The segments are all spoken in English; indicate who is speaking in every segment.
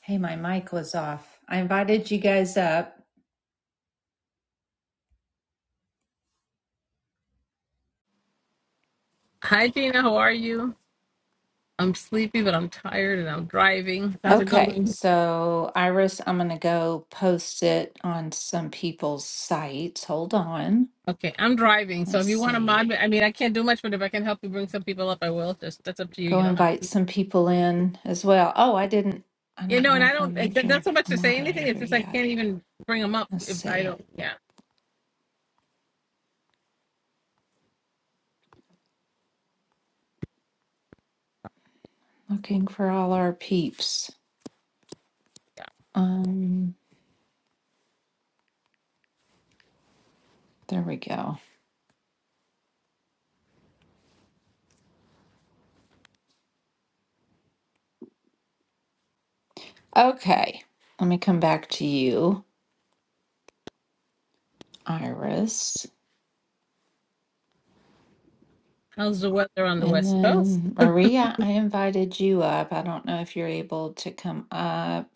Speaker 1: Hey, my mic was off. I invited you guys up.
Speaker 2: Hi, Gina. How are you? I'm sleepy, but I'm tired and I'm driving. How's it
Speaker 1: Okay,
Speaker 2: going?
Speaker 1: so Iris, I'm going to go post it on some people's sites. Hold on.
Speaker 2: Okay, I'm driving. So
Speaker 1: Let's
Speaker 2: if you want to mod
Speaker 1: see.
Speaker 2: me, I mean, I can't do much, but if I can help you bring some people up, I will. Just that's up to you.
Speaker 1: Go
Speaker 2: You don't have
Speaker 1: invite
Speaker 2: to.
Speaker 1: some people in as well. Oh, I didn't, I
Speaker 2: You
Speaker 1: don't
Speaker 2: know, and
Speaker 1: know
Speaker 2: I
Speaker 1: if I
Speaker 2: don't,
Speaker 1: made
Speaker 2: it- that's
Speaker 1: you
Speaker 2: so much
Speaker 1: a
Speaker 2: to say anything. It's
Speaker 1: moderator
Speaker 2: just I
Speaker 1: yet.
Speaker 2: can't even bring them up
Speaker 1: Let's
Speaker 2: if I
Speaker 1: see.
Speaker 2: don't. Yeah.
Speaker 1: Looking for all our peeps. Um, there we go. Okay, let me come back to you, Iris.
Speaker 2: How's the weather on the
Speaker 1: And
Speaker 2: West Coast?
Speaker 1: then Maria, I invited you up. I don't know if you're able to come up.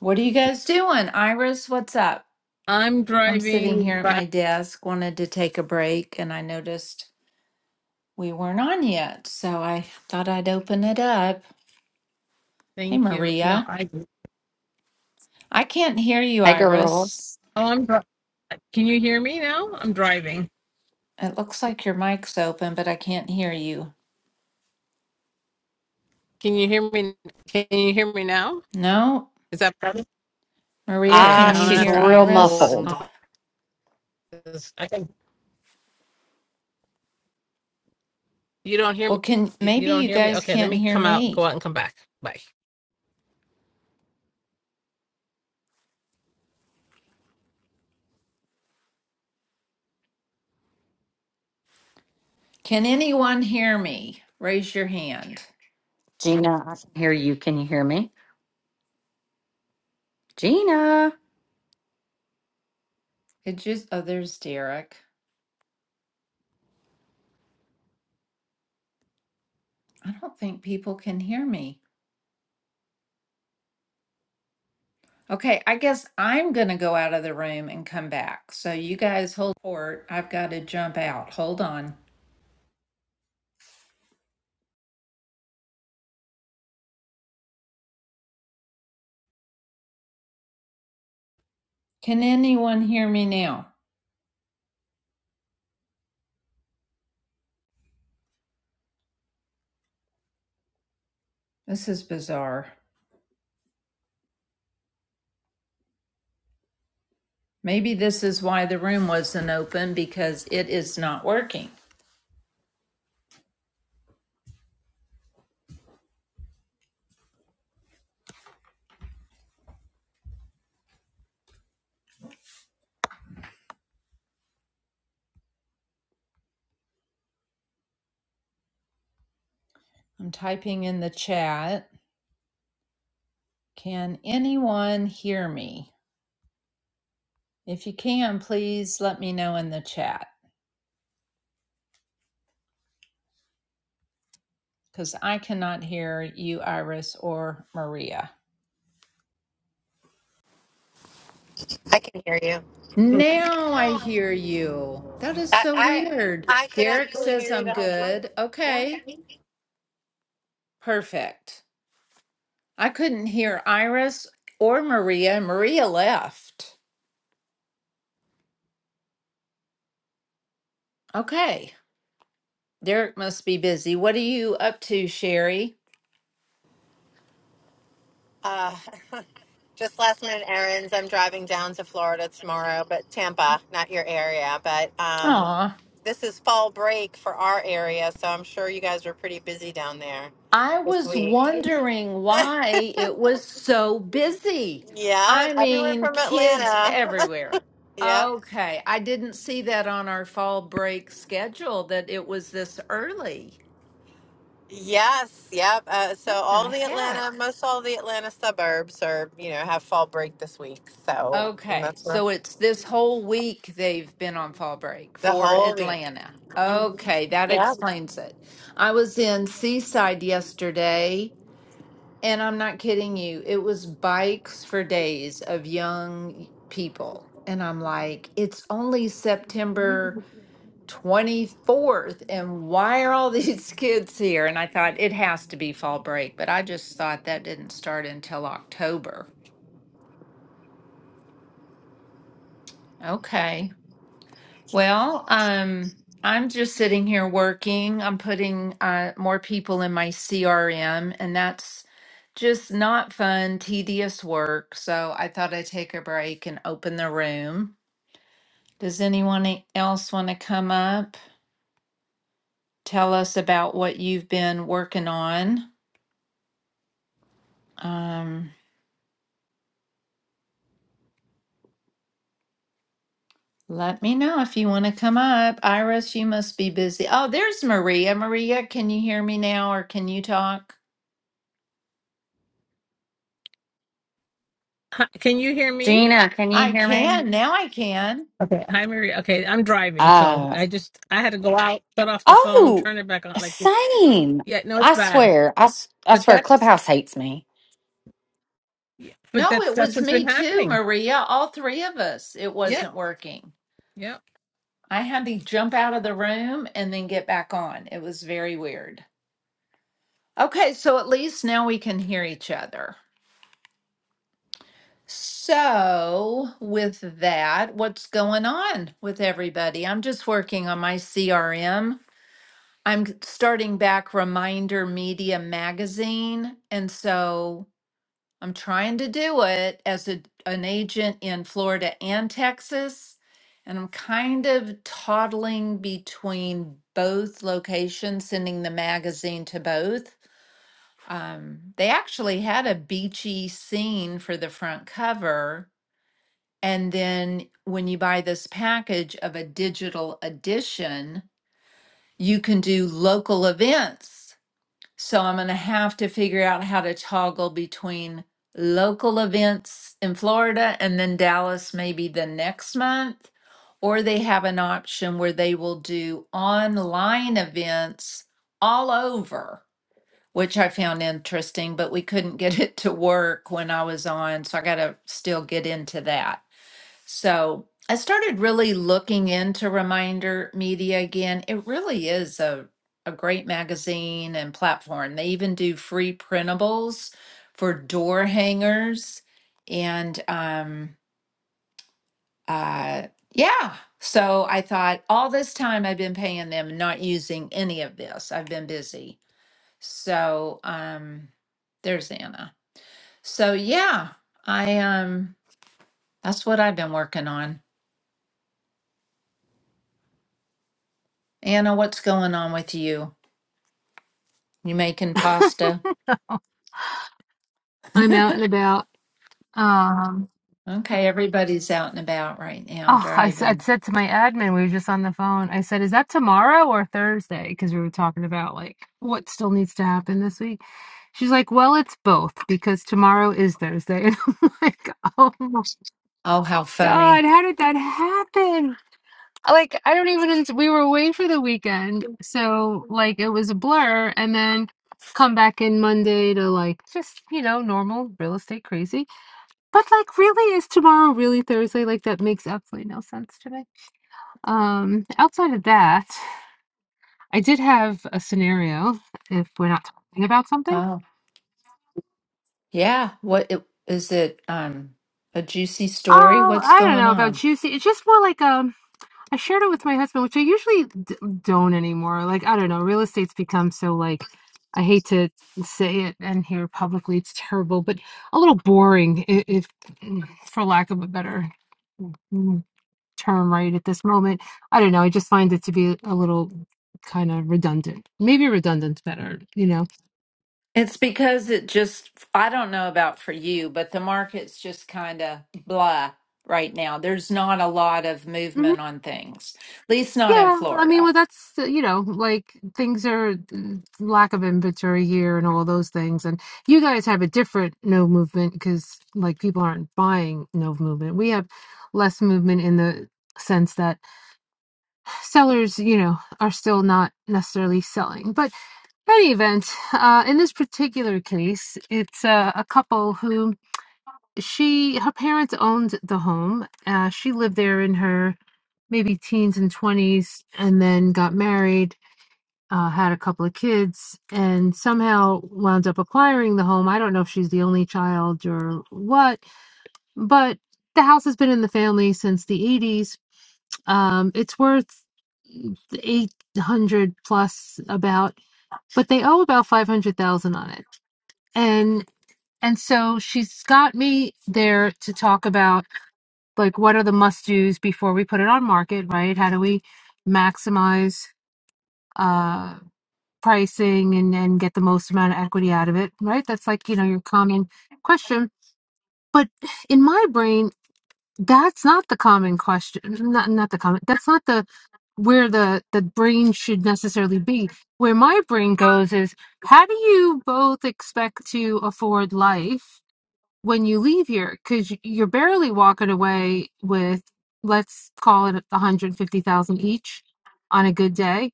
Speaker 1: What are you guys doing? Iris, what's up?
Speaker 2: I'm
Speaker 1: I'm sitting
Speaker 2: driving
Speaker 1: here at
Speaker 2: back.
Speaker 1: my desk, wanted to take a break, and I noticed we weren't on yet. So I thought I'd open it up. Hey,
Speaker 2: Thank you. No,
Speaker 1: Maria.
Speaker 2: I, oh,
Speaker 1: I can't hear you,
Speaker 3: Hey,
Speaker 1: Iris.
Speaker 3: girls.
Speaker 2: I'm, dri- can you hear me now? I'm driving.
Speaker 1: It looks like your mic's open, but I can't hear you.
Speaker 2: Can you hear me? Can you hear me now?
Speaker 1: No?
Speaker 2: Is that better?
Speaker 1: Maria,
Speaker 2: Okay, I'm
Speaker 3: Ah,
Speaker 1: can you
Speaker 2: gonna
Speaker 3: she's
Speaker 2: have
Speaker 1: hear
Speaker 3: real
Speaker 2: to go. out
Speaker 1: Iris?
Speaker 2: and
Speaker 3: muffled.
Speaker 2: call. 'Cause I can. You don't hear me.
Speaker 1: Well, can
Speaker 2: You you
Speaker 1: maybe
Speaker 2: don't
Speaker 1: you
Speaker 2: hear me.
Speaker 1: guys
Speaker 2: Okay, let
Speaker 1: can't
Speaker 2: me
Speaker 1: hear
Speaker 2: come out,
Speaker 1: me.
Speaker 2: go out, and come back. Bye.
Speaker 1: Can anyone hear me? Raise your hand.
Speaker 3: Gina, I can hear you. Can you hear me? Gina,
Speaker 1: It just, oh, there's Derek. I don't think people can hear me. Okay, I guess I'm going to go out of the room and come back. So you guys hold court. I've got to jump out. Hold on. Can anyone hear me now? This is bizarre. Maybe this is why the room wasn't open because it is not working. I'm typing in the chat. Can anyone hear me? If you can, please let me know in the chat. because I cannot hear you, Iris, or Maria.
Speaker 4: I can hear you.
Speaker 1: Now I hear you. That is
Speaker 4: I
Speaker 1: so
Speaker 4: I,
Speaker 1: weird.
Speaker 4: I could
Speaker 1: Derek
Speaker 4: actually
Speaker 1: says
Speaker 4: hear you
Speaker 1: I'm
Speaker 4: the whole time.
Speaker 1: good.
Speaker 4: Yeah.
Speaker 1: Okay, perfect. I couldn't hear Iris or Maria. Maria left. Okay. Derek must be busy. What are you up to, Sherry?
Speaker 4: Uh, just
Speaker 1: Just
Speaker 4: last minute
Speaker 1: last
Speaker 4: errands. I'm driving down to Florida tomorrow, but Tampa, not your area. But um,
Speaker 1: minute.
Speaker 4: this is fall break for our area, so I'm sure you guys were pretty busy down there
Speaker 1: I
Speaker 4: this
Speaker 1: was
Speaker 4: week.
Speaker 1: wondering why it was so busy.
Speaker 4: Yeah,
Speaker 1: I
Speaker 4: everyone
Speaker 1: mean,
Speaker 4: from
Speaker 1: kids
Speaker 4: Atlanta.
Speaker 1: everywhere.
Speaker 4: Yeah.
Speaker 1: Okay, I didn't see that on our fall break schedule that it was this early.
Speaker 4: Yes, yep. Uh, so
Speaker 1: What
Speaker 4: all
Speaker 1: the
Speaker 4: the Atlanta,
Speaker 1: heck?
Speaker 4: most all the Atlanta suburbs are, you know, have fall break this week. So and
Speaker 1: Okay,
Speaker 4: that's where
Speaker 1: so it's this whole week they've been on fall break
Speaker 4: The
Speaker 1: for
Speaker 4: holy.
Speaker 1: Atlanta.
Speaker 4: Mhm.
Speaker 1: Okay, that
Speaker 4: Yeah.
Speaker 1: explains it. I was in Seaside yesterday And I'm not kidding you. It was bikes for days of young people. And I'm like, it's only September 24th. And why are all these kids here? And I thought it has to be fall break, but I just thought that didn't start until October. Okay. Well, um, I'm just sitting here working. I'm putting uh, more people in my CRM, and that's just not fun, tedious work. So I thought I'd take a break and open the room. Does anyone e- else want to come up? Tell us about what you've been working on. Um, let me know if you want to come up. Iris, you must be busy. Oh, there's Maria. Maria, can you hear me now or can you talk?
Speaker 2: Hi, can you hear me?
Speaker 3: Gina, can you
Speaker 1: I
Speaker 3: hear
Speaker 1: can.
Speaker 3: me?
Speaker 1: Now I can.
Speaker 2: Okay. Hi, Maria. Okay, I'm driving, so
Speaker 3: Uh,
Speaker 2: I just I had to go out, shut off the phone,
Speaker 3: oh,
Speaker 2: turn it back on. Like this.
Speaker 3: same.
Speaker 2: Yeah, no, it's
Speaker 3: I
Speaker 2: bad.
Speaker 3: swear. I, s- I
Speaker 2: But
Speaker 3: swear,
Speaker 2: that's
Speaker 3: Clubhouse hates me.
Speaker 2: but
Speaker 1: No,
Speaker 2: that's
Speaker 1: it
Speaker 2: that's
Speaker 1: was
Speaker 2: what's
Speaker 1: me
Speaker 2: been
Speaker 1: too,
Speaker 2: happening.
Speaker 1: Maria. All three of us. It
Speaker 2: Yeah.
Speaker 1: wasn't working.
Speaker 2: Yeah.
Speaker 1: I had to jump out of the room and then get back on. It was very weird. Okay, so at least now we can hear each other. So, with that, what's going on with everybody? I'm just working on my CRM. I'm starting back Reminder Media Magazine. And so I'm trying to do it as a, an agent in Florida and Texas. And I'm kind of toddling between both locations, sending the magazine to both. Um, they actually had a beachy scene for the front cover. And then when you buy this package of a digital edition, you can do local events. So I'm going to have to figure out how to toggle between local events in Florida and then Dallas maybe the next month. Or they have an option where they will do online events all over, which I found interesting, but we couldn't get it to work when I was on. So I got to still get into that. So I started really looking into Reminder Media again. It really is a, a great magazine and platform. They even do free printables for door hangers. And um, uh, yeah, so I thought all this time I've been paying them, not using any of this. I've been busy. So um, there's Anna. So yeah, I um, that's what I've been working on. Anna, what's going on with you? You making pasta?
Speaker 5: I'm out and about. Um,
Speaker 1: okay, everybody's out and about right now
Speaker 5: oh, I, s- I
Speaker 1: driving.
Speaker 5: said to my admin, we were just on the phone. I said, "Is that tomorrow or Thursday?" Because we were talking about like what still needs to happen this week. She's like, "Well, it's both because tomorrow is Thursday." And I'm like, "Oh my
Speaker 1: Oh, how funny.
Speaker 5: God, how did that happen?" Like, I don't even. We were away for the weekend, so like it was a blur, and then come back in Monday to like just you know normal real estate crazy But, like, really, is tomorrow really Thursday? Like, that makes absolutely no sense to me. Um, outside of that, I did have a scenario, if we're not talking about something.
Speaker 1: Oh, yeah. What it, is it? Um, a juicy story?
Speaker 5: Oh,
Speaker 1: What's
Speaker 5: I don't
Speaker 1: going
Speaker 5: know about
Speaker 1: on?
Speaker 5: juicy. It's just more like, um, I shared it with my husband, which I usually d don't anymore. Like, I don't know, real estate's become so, like, I hate to say it and here publicly, it's terrible, but a little boring, i if mm, for lack of a better mm, term right at this moment. I don't know. I just find it to be a little kind of redundant. Maybe redundant's better, you know.
Speaker 1: It's because it just, I don't know about for you, but the market's just kind of blah right now. There's not a lot of
Speaker 5: hmm
Speaker 1: movement on things, at least not in
Speaker 5: Yeah, I mean,
Speaker 1: Florida.
Speaker 5: well, that's uh, you know, like things are mm, lack of inventory here and all those things. And you guys have a different no movement because like people aren't buying no movement. We have less movement in the sense that sellers, you know, are still not necessarily selling, but any event, uh, in this particular case, it's uh, a couple who she her parents owned the home. Uh, she lived there in her maybe teens and 20s and then got married, uh, had a couple of kids, and somehow wound up acquiring the home. I don't know if she's the only child or what, but the house has been in the family since the 80s. Um, it's worth 800 plus about, but they owe about 500,000 on it. And and so she's got me there to talk about like what are the must do's before we put it on market right how do we maximize uh pricing and and get the most amount of equity out of it right that's like you know your common question but in my brain that's not the common question not not the common that's not the where the the brain should necessarily be where my brain goes is how do you both expect to afford life when you leave here because you're barely walking away with let's call it 150,000 each on a good day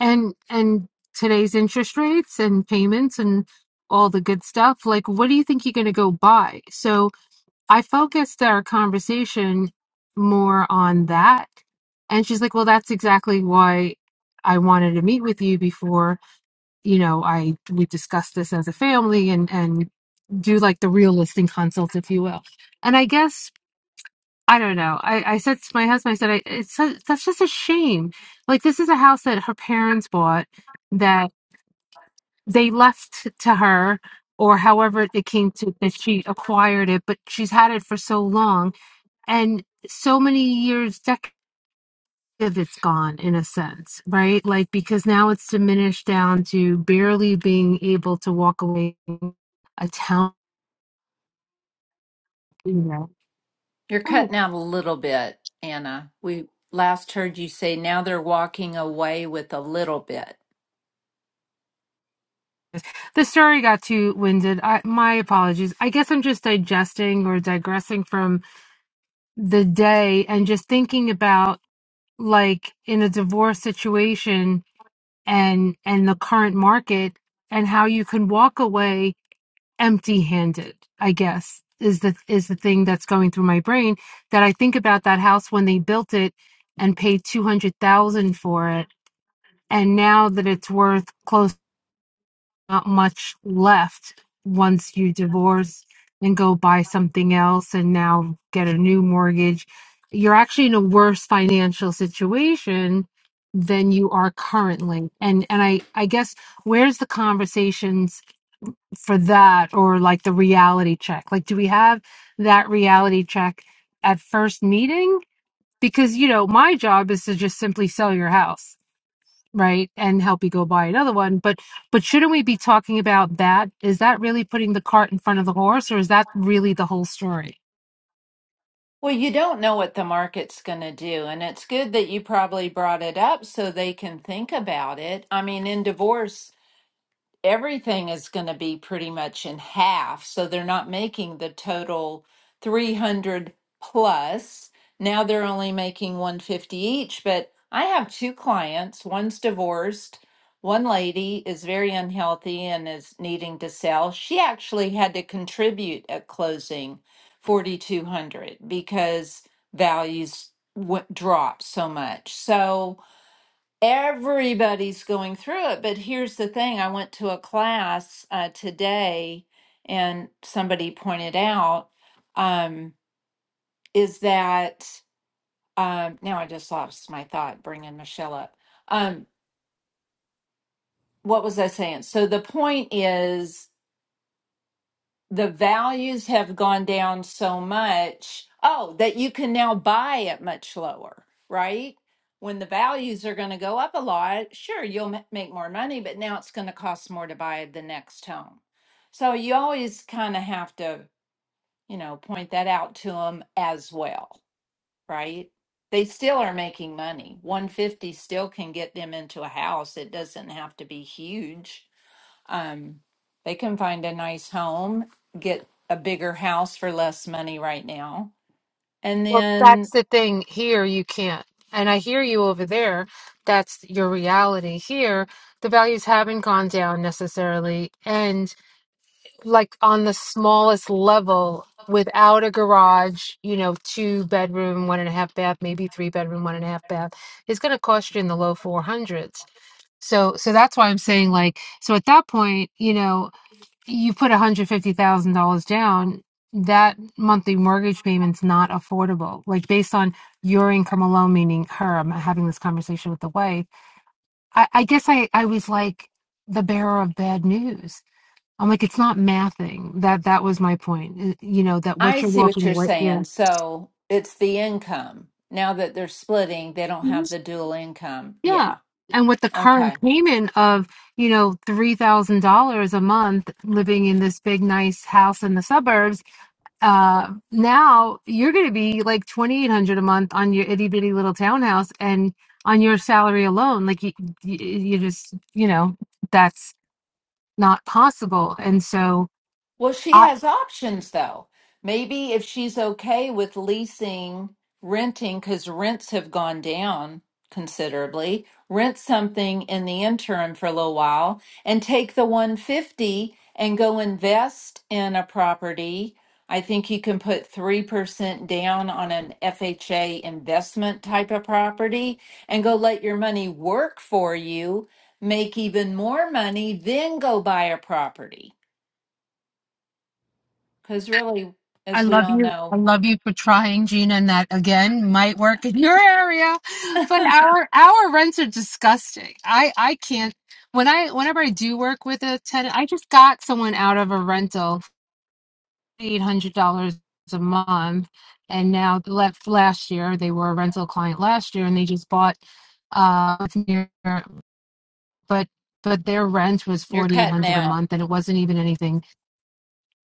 Speaker 5: and and today's interest rates and payments and all the good stuff like what do you think you're going to go buy so i focused our conversation more on that and she's like well that's exactly why i wanted to meet with you before you know, I we discuss this as a family and and do like the real listing consults, if you will. And I guess I don't know. I I said to my husband, I said, I, it's su- that's just a shame. Like this is a house that her parents bought that they left to her. Or however it came to that she acquired it, but she's had it for so long and so many years, of it's gone in a sense, right? Like because now it's diminished down to barely being able to walk away from a town. You know,
Speaker 1: You're
Speaker 5: oh,
Speaker 1: cutting out a little bit, Anna. We last heard you say now they're walking away with a little bit.
Speaker 5: the story got too winded. I, my apologies. I guess I'm just digesting or digressing from the day and just thinking about like in a divorce situation and and the current market and how you can walk away empty-handed i guess is the is the thing that's going through my brain that i think about that house when they built it and paid 200,000 for it and now that it's worth close not much left once you divorce and go buy something else and now get a new mortgage you're actually in a worse financial situation than you are currently and and i i guess where's the conversation for that or like the reality check? Like, do we have that reality check at first meeting? Because, you know, my job is to just simply sell your house, right? And help you go buy another one. But, but shouldn't we be talking about that? Is that really putting the cart in front of the horse or is that really the whole story?
Speaker 1: Well, you don't know what the market's going to do. And it's good that you probably brought it up so they can think about it. I mean, in divorce, everything is going to be pretty much in half. So they're not making the total 300 plus. Now they're only making 150 each. But I have two clients. One's divorced. One lady is very unhealthy and is needing to sell. She actually had to contribute at closing 4200 because values w- dropped so much. So, Everybody's going through it, but here's the thing. I went to a class uh, today, and somebody pointed out um, is that um, now I just lost my thought bringing Michelle up. Um, what was I saying? So the point is the values have gone down so much. Oh, that you can now buy it much lower, right? When the values are going to go up a lot, sure, you'll ma- make more money, but now it's going to cost more to buy the next home. So you always kind of have to, you know, point that out to them as well, right? They still are making money. 150 still can get them into a house. It doesn't have to be huge um, they can find a nice home, get a bigger house for less money right now. And
Speaker 5: Well, that's
Speaker 1: then
Speaker 5: the thing here. You can't. And I hear you over there. That's your reality here. The values haven't gone down necessarily. and. like on the smallest level without a garage, you know, two bedroom, one and a half bath, maybe three bedroom, one and a half bath, is going to cost you in the low 400s. So, so that's why I'm saying like, so at that point, you know, you put $150,000 down, that monthly mortgage payment's not affordable. Like based on your income alone, meaning her, I'm having this conversation with the wife. I, I guess I, I was like the bearer of bad news I'm like, it's not mathing. That that was my point. Uh, You know, that what
Speaker 1: I
Speaker 5: you're
Speaker 1: see what
Speaker 5: walking
Speaker 1: you're
Speaker 5: away, you
Speaker 1: saying.
Speaker 5: know,
Speaker 1: So it's the income. Now that they're splitting, they don't have
Speaker 5: Mhm.
Speaker 1: the dual income. Yeah.
Speaker 5: yeah, and with the
Speaker 1: Okay.
Speaker 5: current payment of you know three thousand dollars a month, living in this big nice house in the suburbs, uh, now you're going to be like twenty eight hundred a month on your itty bitty little townhouse, and on your salary alone, like you, you, you just you know that's not possible, and so.
Speaker 1: Well, she has options though. Maybe if she's okay with leasing, renting, because rents have gone down considerably, rent something in the interim for a little while and take the 150 and go invest in a property. I think you can put 3% down on an FHA investment type of property and go let your money work for you, make even more money, then go buy a property. Because really,
Speaker 5: I
Speaker 1: as we
Speaker 5: love
Speaker 1: all
Speaker 5: you. I
Speaker 1: know,
Speaker 5: love you for trying, Gina, and that again might work in your area. But our our rents are disgusting. I I can't when I whenever I do work with a tenant, I just got someone out of a rental eight hundred dollars a month, and now left last year they were a rental client last year, and they just bought uh with near but but their rent was
Speaker 1: you're
Speaker 5: forty eight
Speaker 1: cutting
Speaker 5: hundred a
Speaker 1: out.
Speaker 5: month, and it wasn't even anything.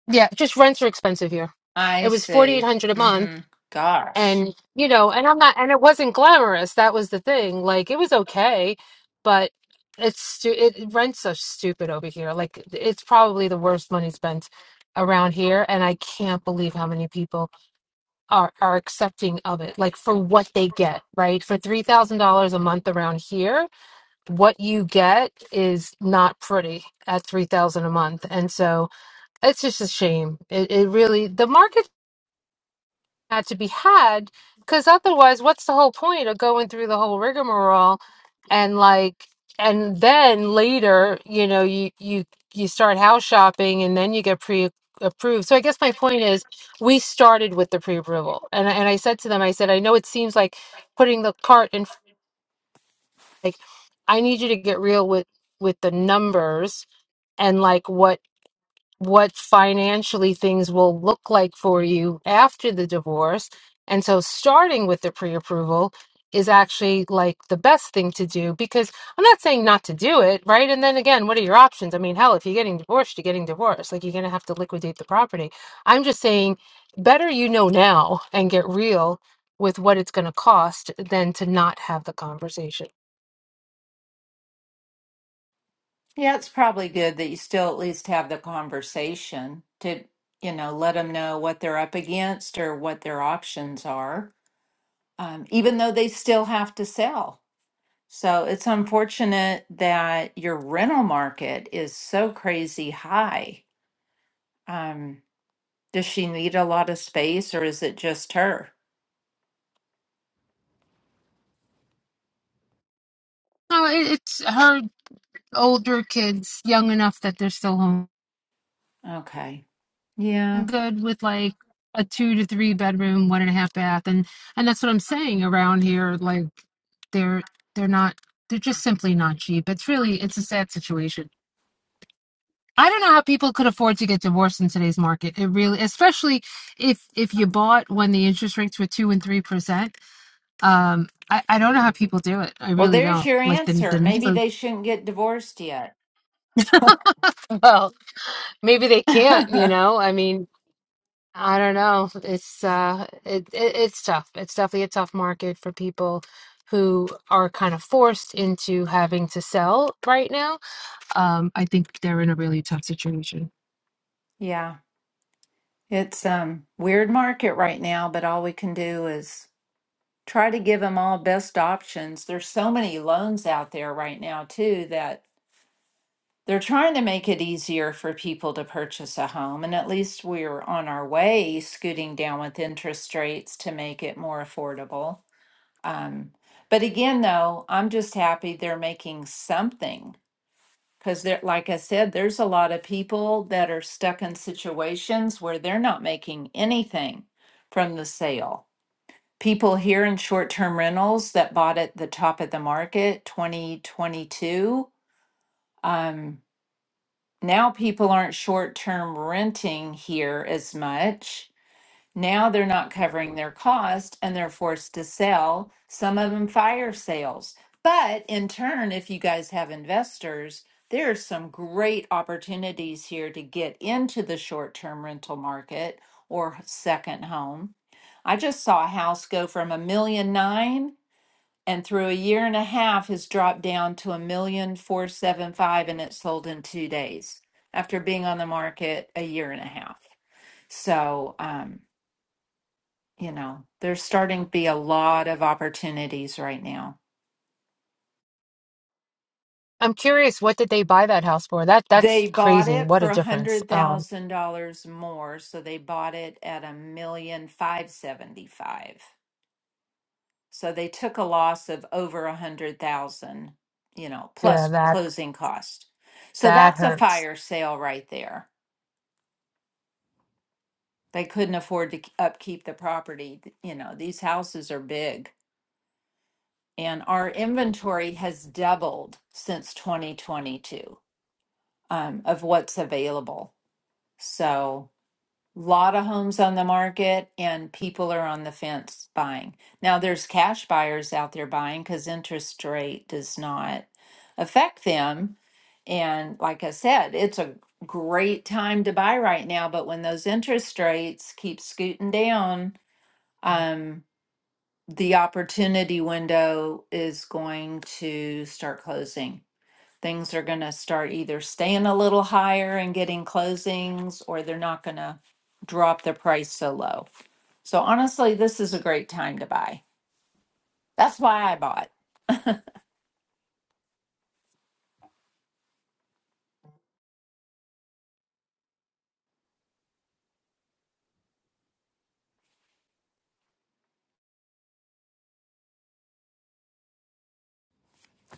Speaker 5: Yeah, just rents are expensive here.
Speaker 1: I
Speaker 5: It was forty eight
Speaker 1: see.
Speaker 5: hundred a month
Speaker 1: Mm-hmm. Gosh.
Speaker 5: and you know and i'm not and it wasn't glamorous that was the thing like it was okay but it's stu- it rents are stupid over here like it's probably the worst money spent around here and i can't believe how many people are are accepting of it like for what they get right for $3000 a month around here what you get is not pretty at 3000 a month and so it's just a shame it, it really the market not to be had because otherwise what's the whole point of going through the whole rigmarole and like and then later you know you you you start house shopping and then you get pre approved so i guess my point is we started with the pre-approval and I- and i said to them i said i know it seems like putting the cart in f- like i need you to get real with with the numbers and like what what financially things will look like for you after the divorce. And so starting with the pre-approval is actually like the best thing to do because I'm not saying not to do it, right? And then again, what are your options? I mean, hell, if you're getting divorced, you're getting divorced. Like you're going to have to liquidate the property. I'm just saying better you know now and get real with what it's going to cost than to not have the conversation.
Speaker 1: Yeah, it's probably good that you still at least have the conversation to, you know, let them know what they're up against or what their options are, um, even though they still have to sell. So it's unfortunate that your rental market is so crazy high. Um, does she need a lot of space or is it just her?
Speaker 5: No, it- it's her older kids young enough that they're still home.
Speaker 1: Okay. Yeah.
Speaker 5: good with like a two to three bedroom, one and a half bath, and and that's what I'm saying around here. Like they're they're not they're just simply not cheap. It's really it's a sad situation. I don't know how people could afford to get divorced in today's market. It really, especially if if you bought when the interest rates were two and three percent. Um, I I don't know how people do it. I
Speaker 1: Well,
Speaker 5: really
Speaker 1: there's
Speaker 5: don't.
Speaker 1: your
Speaker 5: Like the
Speaker 1: answer.
Speaker 5: the
Speaker 1: Maybe
Speaker 5: numbers.
Speaker 1: they shouldn't get divorced yet.
Speaker 5: Well, maybe they can't. You know, I mean. I don't know. It's uh it, it it's tough. It's definitely a tough market for people who are kind of forced into having to sell right now. Um, I think they're in a really tough situation.
Speaker 1: yeah, it's um weird market right now, but all we can do is try to give them all best options. There's so many loans out there right now too that they're trying to make it easier for people to purchase a home, and at least we're on our way scooting down with interest rates to make it more affordable. Um, but again, though, I'm just happy they're making something Because there, like I said, there's a lot of people that are stuck in situations where they're not making anything from the sale. People here in short term rentals that bought at the top of the market 2022, um, now people aren't short term renting here as much now they're not covering their cost and they're forced to sell, some of them fire sales. But in turn, if you guys have investors, there are some great opportunities here to get into the short term rental market or second home. I just saw a house go from a million nine and through a year and a half has dropped down to a million four seven five and it sold in two days after being on the market a year and a half. So, um, you know, there's starting to be a lot of opportunities right now.
Speaker 5: I'm curious, what did they buy that house for? That that's
Speaker 1: They bought
Speaker 5: crazy.
Speaker 1: it
Speaker 5: What
Speaker 1: for
Speaker 5: a
Speaker 1: a
Speaker 5: difference.
Speaker 1: hundred
Speaker 5: Um,
Speaker 1: thousand dollars more, so they bought it at a million five seventy five. So they took a loss of over a hundred thousand, you know,
Speaker 5: yeah,
Speaker 1: plus
Speaker 5: that
Speaker 1: closing cost. So
Speaker 5: that
Speaker 1: that's a
Speaker 5: hurts.
Speaker 1: fire sale right there. They couldn't afford to k- upkeep the property. Th- You know, these houses are big, and our inventory has doubled since 2022. um, of what's available. So, lot of homes on the market, and people are on the fence buying. Now, there's cash buyers out there buying because interest rate does not affect them. And like I said, it's a great time to buy right now. But when those interest rates keep scooting down, um, the opportunity window is going to start closing things are going to start either staying a little higher and getting closings, or they're not going to drop their price so low. So honestly, this is a great time to buy. That's why I bought.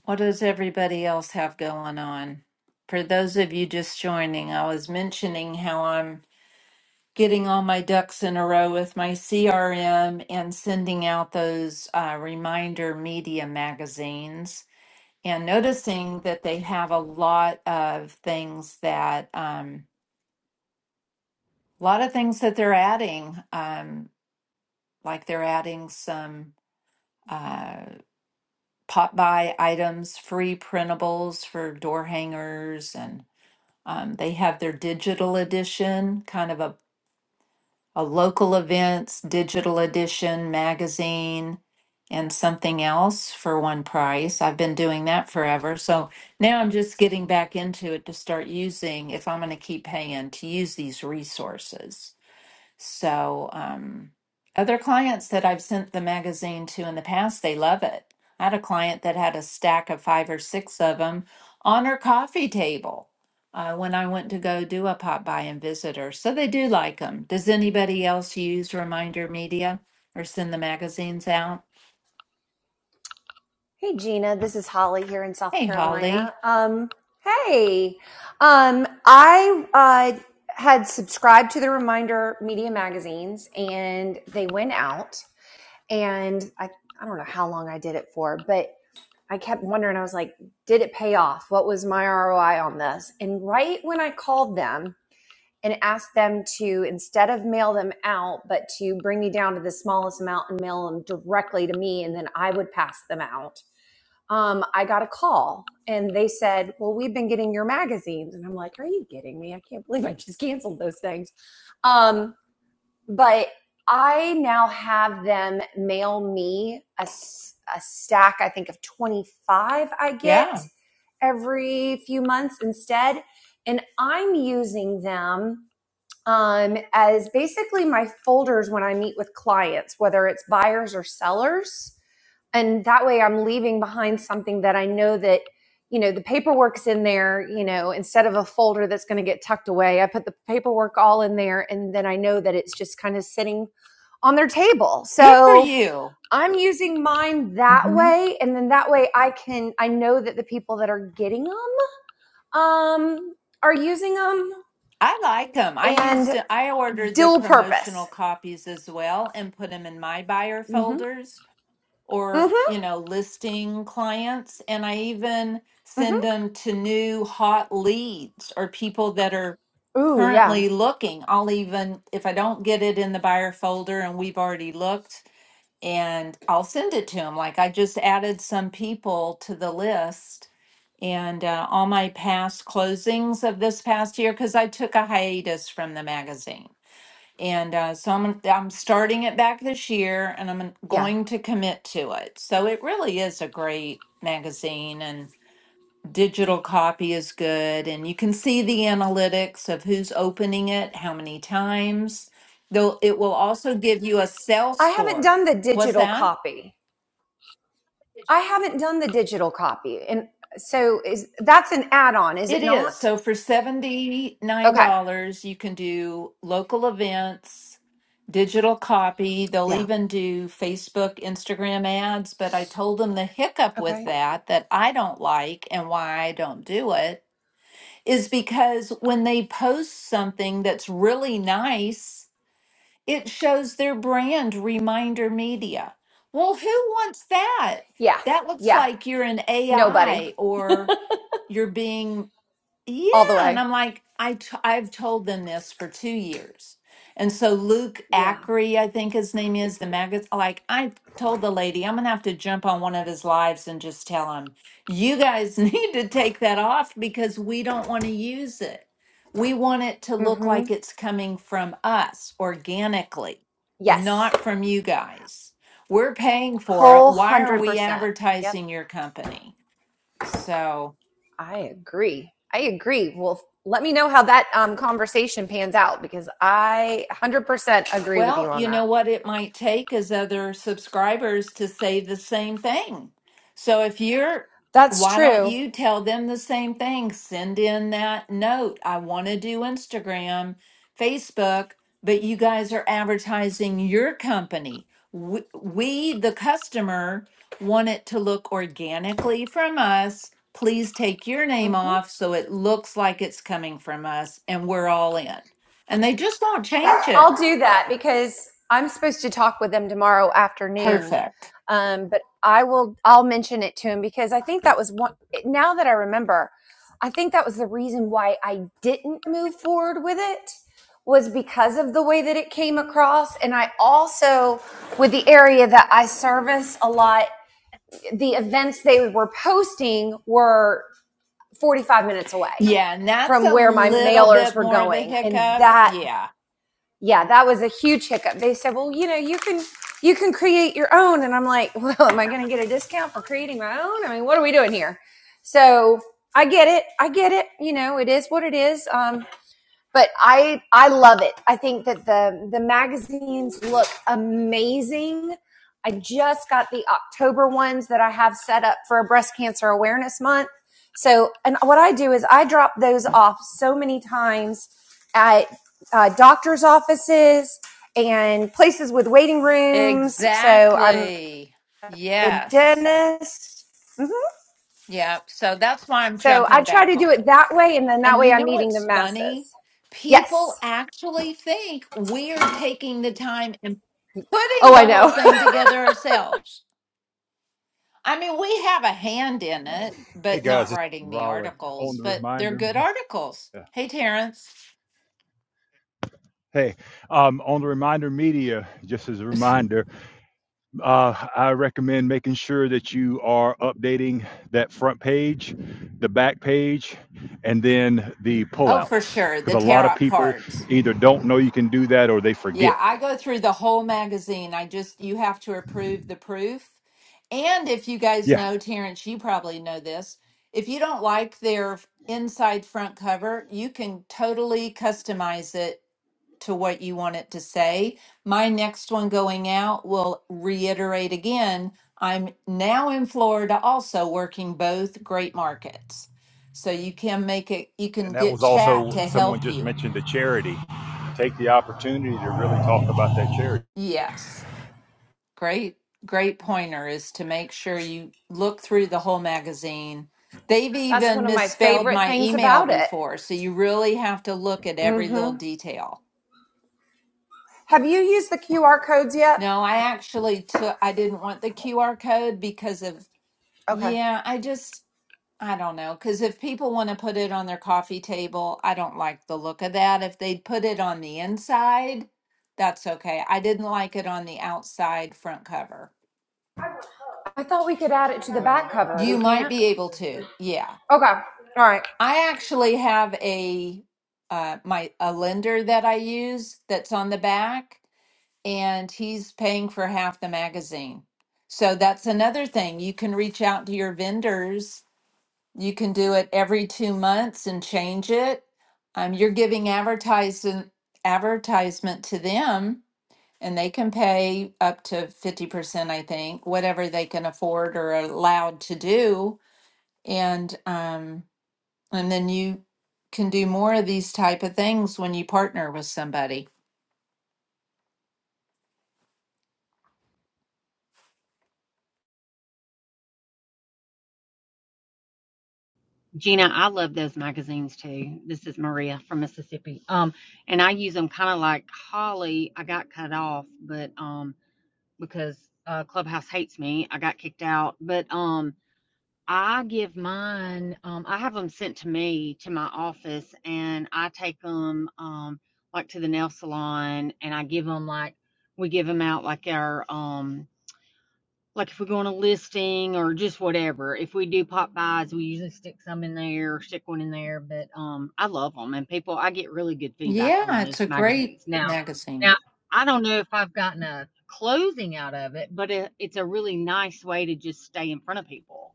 Speaker 1: What does everybody else have going on? For those of you just joining, I was mentioning how I'm getting all my ducks in a row with my CRM and sending out those uh, reminder media magazines. and noticing that they have a lot of things that um a lot of things that they're adding um like they're adding some uh pop by items free printables for door hangers and um, they have their digital edition kind of a a local events, digital edition, magazine, and something else for one price. I've been doing that forever. So now I'm just getting back into it to start using, if I'm going to keep paying, to use these resources. So, um, other clients that I've sent the magazine to in the past, they love it. I had a client that had a stack of five or six of them on her coffee table uh, when I went to go do a pop by and visit her. So they do like them. Does anybody else use Reminder Media or send the magazines out?
Speaker 6: Hey Gina, this is Holly here in South
Speaker 1: Hey,
Speaker 6: Carolina.
Speaker 1: Holly.
Speaker 6: Um, hey, um, I uh, had subscribed to the Reminder Media magazines, and they went out, and I I don't know how long I did it for, but I kept wondering. I was like, did it pay off? What was my ROI on this? And right when I called them and asked them to instead of mail them out, but to bring me down to the smallest amount and mail them directly to me, and then I would pass them out um, I got a call and they said, Well, we've been getting your magazines. And I'm like, Are you kidding me? I can't believe I just canceled those things. Um, but I now have them mail me a a stack, I think, of 25 I get
Speaker 1: Yeah,
Speaker 6: every few months instead. And I'm using them um, as basically my folders when I meet with clients, whether it's buyers or sellers and that way i'm leaving behind something that i know that you know the paperwork's in there you know instead of a folder that's going to get tucked away i put the paperwork all in there and then i know that it's just kind of sitting on their table
Speaker 1: good for
Speaker 6: so
Speaker 1: you.
Speaker 6: i'm using mine that
Speaker 1: hmm
Speaker 6: way and then that way i can i know that the people that are getting them um are using them
Speaker 1: I like them. I used
Speaker 6: and
Speaker 1: I ordered the
Speaker 6: dual
Speaker 1: promotional
Speaker 6: purpose
Speaker 1: copies as well and put them in my buyer
Speaker 6: mm-hmm
Speaker 1: folders or
Speaker 6: mm-hmm
Speaker 1: you know listing clients and i even send
Speaker 6: mm-hmm
Speaker 1: them to new hot leads or people that are
Speaker 6: ooh yeah
Speaker 1: currently looking i'll even if i don't get it in the buyer folder and we've already looked and i'll send it to them like i just added some people to the list and uh, all my past closings of this past year because i took a hiatus from the magazine and uh, so I'm I'm starting it back this year, and I'm
Speaker 6: yeah
Speaker 1: going to commit to it. So it really is a great magazine, and digital copy is good, and you can see the analytics of who's opening it, how many times. Though it will also give you a sales
Speaker 6: i haven't
Speaker 1: score.
Speaker 6: done the
Speaker 1: What's
Speaker 6: digital
Speaker 1: that?
Speaker 6: copy I haven't done the digital copy. And so is that's an add-on, is
Speaker 1: It
Speaker 6: it
Speaker 1: is.
Speaker 6: not?
Speaker 1: So for $79,
Speaker 6: Okay.
Speaker 1: you can do local events, digital copy. They'll
Speaker 6: Yeah.
Speaker 1: even do Facebook, Instagram ads. But I told them the hiccup with
Speaker 6: Okay.
Speaker 1: that, that I don't like and why I don't do it, is because when they post something that's really nice, it shows their brand reminder media. Well, who wants that?
Speaker 6: Yeah.
Speaker 1: That looks
Speaker 6: Yeah.
Speaker 1: like you're an
Speaker 6: Nobody.
Speaker 1: AI or you're being yeah,
Speaker 6: All the
Speaker 1: and
Speaker 6: way.
Speaker 1: I'm like, I t I've told them this for two years, and so Luke
Speaker 6: Yeah.
Speaker 1: Ackery, I think his name is the magazine. Like I told the lady, I'm gonna have to jump on one of his lives and just tell him, you guys need to take that off because we don't want to use it. We want it to look
Speaker 6: Mm-hmm.
Speaker 1: like it's coming from us organically,
Speaker 6: Yes.
Speaker 1: not from you guys. We're paying for it.
Speaker 6: Whole
Speaker 1: Why are
Speaker 6: hundred
Speaker 1: we
Speaker 6: percent. Yep.
Speaker 1: advertising your company? So.
Speaker 6: I agree. I agree. Well, let me know how that um, conversation pans out because I 100% agree with
Speaker 1: Well,
Speaker 6: you on
Speaker 1: you know
Speaker 6: that.
Speaker 1: what it might take is other subscribers to say the same thing. So if you're,
Speaker 6: That's
Speaker 1: why don't
Speaker 6: true.
Speaker 1: you tell them the same thing? Send in that note. I want to do Instagram, Facebook, but you guys are advertising your company. We, we the customer, want it to look organically from us. Please take your name
Speaker 6: Mm-hmm.
Speaker 1: off so it looks like it's coming from us and we're all in. And they just won't change it.
Speaker 6: I'll do that because I'm supposed to talk with them tomorrow afternoon.
Speaker 1: Perfect.
Speaker 6: Um, but I will, I'll mention it to him because I think that was one, now that I remember, I think that was the reason why I didn't move forward with it was because of the way that it came across. And I also, with the area that I service a lot, the events they were posting were 45 minutes away
Speaker 1: Yeah, and that's
Speaker 6: from
Speaker 1: a
Speaker 6: where my
Speaker 1: little
Speaker 6: mailers
Speaker 1: bit
Speaker 6: were
Speaker 1: more of a
Speaker 6: going. And
Speaker 1: hiccup.
Speaker 6: that
Speaker 1: Yeah,
Speaker 6: yeah, that was a huge hiccup. They said, "Well, you know, you can you can create your own." And I'm like, "Well, am I going to get a discount for creating my own? I mean, what are we doing here?" So, I get it. I get it. You know, it is what it is. Um but I I love it. I think that the the magazines look amazing. I just got the October ones that I have set up for a breast cancer awareness month. So, and what I do is I drop those off so many times at uh, doctors' offices and places with waiting rooms. So I'm
Speaker 1: exactly.
Speaker 6: the
Speaker 1: Yes.
Speaker 6: dentist. Mhm.
Speaker 1: Yeah. So that's why I'm
Speaker 6: So I
Speaker 1: jumping
Speaker 6: try
Speaker 1: back
Speaker 6: to do it
Speaker 1: on.
Speaker 6: that way, and then that
Speaker 1: And
Speaker 6: way
Speaker 1: you
Speaker 6: I'm
Speaker 1: know
Speaker 6: meeting the
Speaker 1: what's funny?
Speaker 6: masses.
Speaker 1: People
Speaker 6: Yes.
Speaker 1: actually think we're taking the time and putting
Speaker 6: Oh,
Speaker 1: the
Speaker 6: I know.
Speaker 1: whole thing together ourselves. I mean, we have a hand in it,
Speaker 7: Hey
Speaker 1: but not
Speaker 7: guys, it's
Speaker 1: writing the
Speaker 7: Raleigh on
Speaker 1: articles,
Speaker 7: the
Speaker 1: but they're
Speaker 7: reminder.
Speaker 1: good
Speaker 7: Me-
Speaker 1: articles.
Speaker 7: yeah.
Speaker 1: Hey, Terrence.
Speaker 7: Hey, um, on the reminder media, just as a reminder, uh, I recommend making sure that you are updating that front page, the back page, and then the
Speaker 1: Oh, for
Speaker 7: pullouts
Speaker 1: sure.
Speaker 7: because
Speaker 1: The
Speaker 7: a lot of
Speaker 1: tarot
Speaker 7: people
Speaker 1: cards.
Speaker 7: either don't know you can do that or they
Speaker 1: Yeah,
Speaker 7: forget.
Speaker 1: I go through the whole magazine. I just, you have to approve the proof. And if you guys
Speaker 7: Yeah.
Speaker 1: know, Terrence, you probably know this. If you don't like their f- inside front cover, you can totally customize it to what you want it to say. My next one going out will reiterate again I'm now in Florida, also working both great markets. So you can make it, you can
Speaker 7: And that
Speaker 1: get
Speaker 7: was
Speaker 1: chat
Speaker 7: also
Speaker 1: to
Speaker 7: someone
Speaker 1: help
Speaker 7: just
Speaker 1: you.
Speaker 7: mentioned the charity. Take the opportunity to really talk about that charity.
Speaker 1: Yes. Great, great pointer is to make sure you look through the whole magazine. They've
Speaker 6: That's
Speaker 1: even
Speaker 6: one of my
Speaker 1: misspelled
Speaker 6: favorite
Speaker 1: my
Speaker 6: things
Speaker 1: email
Speaker 6: about it.
Speaker 1: before, so you really have to look at every little
Speaker 6: hmm
Speaker 1: detail.
Speaker 6: Have you used the QR codes yet?
Speaker 1: No, I actually took, I didn't want the QR code because of,
Speaker 6: Okay.
Speaker 1: yeah, I just, I don't know. Because if people want to put it on their coffee table, I don't like the look of that. If they'd put it on the inside, that's okay. I didn't like it on the outside front cover.
Speaker 6: I thought we could add it to the back cover. We
Speaker 1: You might
Speaker 6: can't?
Speaker 1: be able to, yeah.
Speaker 6: Okay. All right.
Speaker 1: I actually have a uh my a lender that I use that's on the back and he's paying for half the magazine. So that's another thing. You can reach out to your vendors. You can do it every two months and change it. Um, you're giving advertising advertisement to them and they can pay up to 50%, I think, whatever they can afford or are allowed to do. And um and then you can do more of these type of things when you partner with somebody.
Speaker 3: Gina, I love those magazines too. This is Maria from Mississippi. Um, and I use them kind of like Holly. I got cut off, but um, because uh, Clubhouse hates me, I got kicked out. But um, I give mine, um, I have them sent to me to my office and I take them um, like to the nail salon and I give them like, we give them out like our, um, like if we go on a listing or just whatever. If we do pop buys, we usually stick some in there, stick one in there. But um, I love them and people, I get really good feedback on
Speaker 1: Yeah, it's
Speaker 3: those
Speaker 1: a great
Speaker 3: magazines. Now,
Speaker 1: magazine.
Speaker 3: now I don't know if I've gotten a closing out of it, but it, it's a really nice way to just stay in front of people.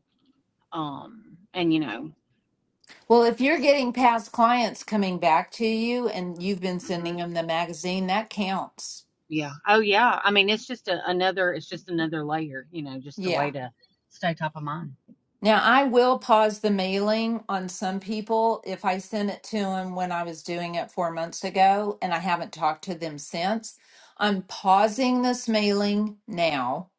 Speaker 3: Um, and you know,
Speaker 1: Well, if you're getting past clients coming back to you and you've been sending
Speaker 3: hmm
Speaker 1: them the magazine, that counts.
Speaker 3: yeah. Oh, yeah. I mean, it's just a, another, it's just another layer, you know, just a
Speaker 1: Yeah.
Speaker 3: way to stay top of mind.
Speaker 1: Now, I will pause the mailing on some people if I send it to them when I was doing it four months ago and I haven't talked to them since. I'm pausing this mailing now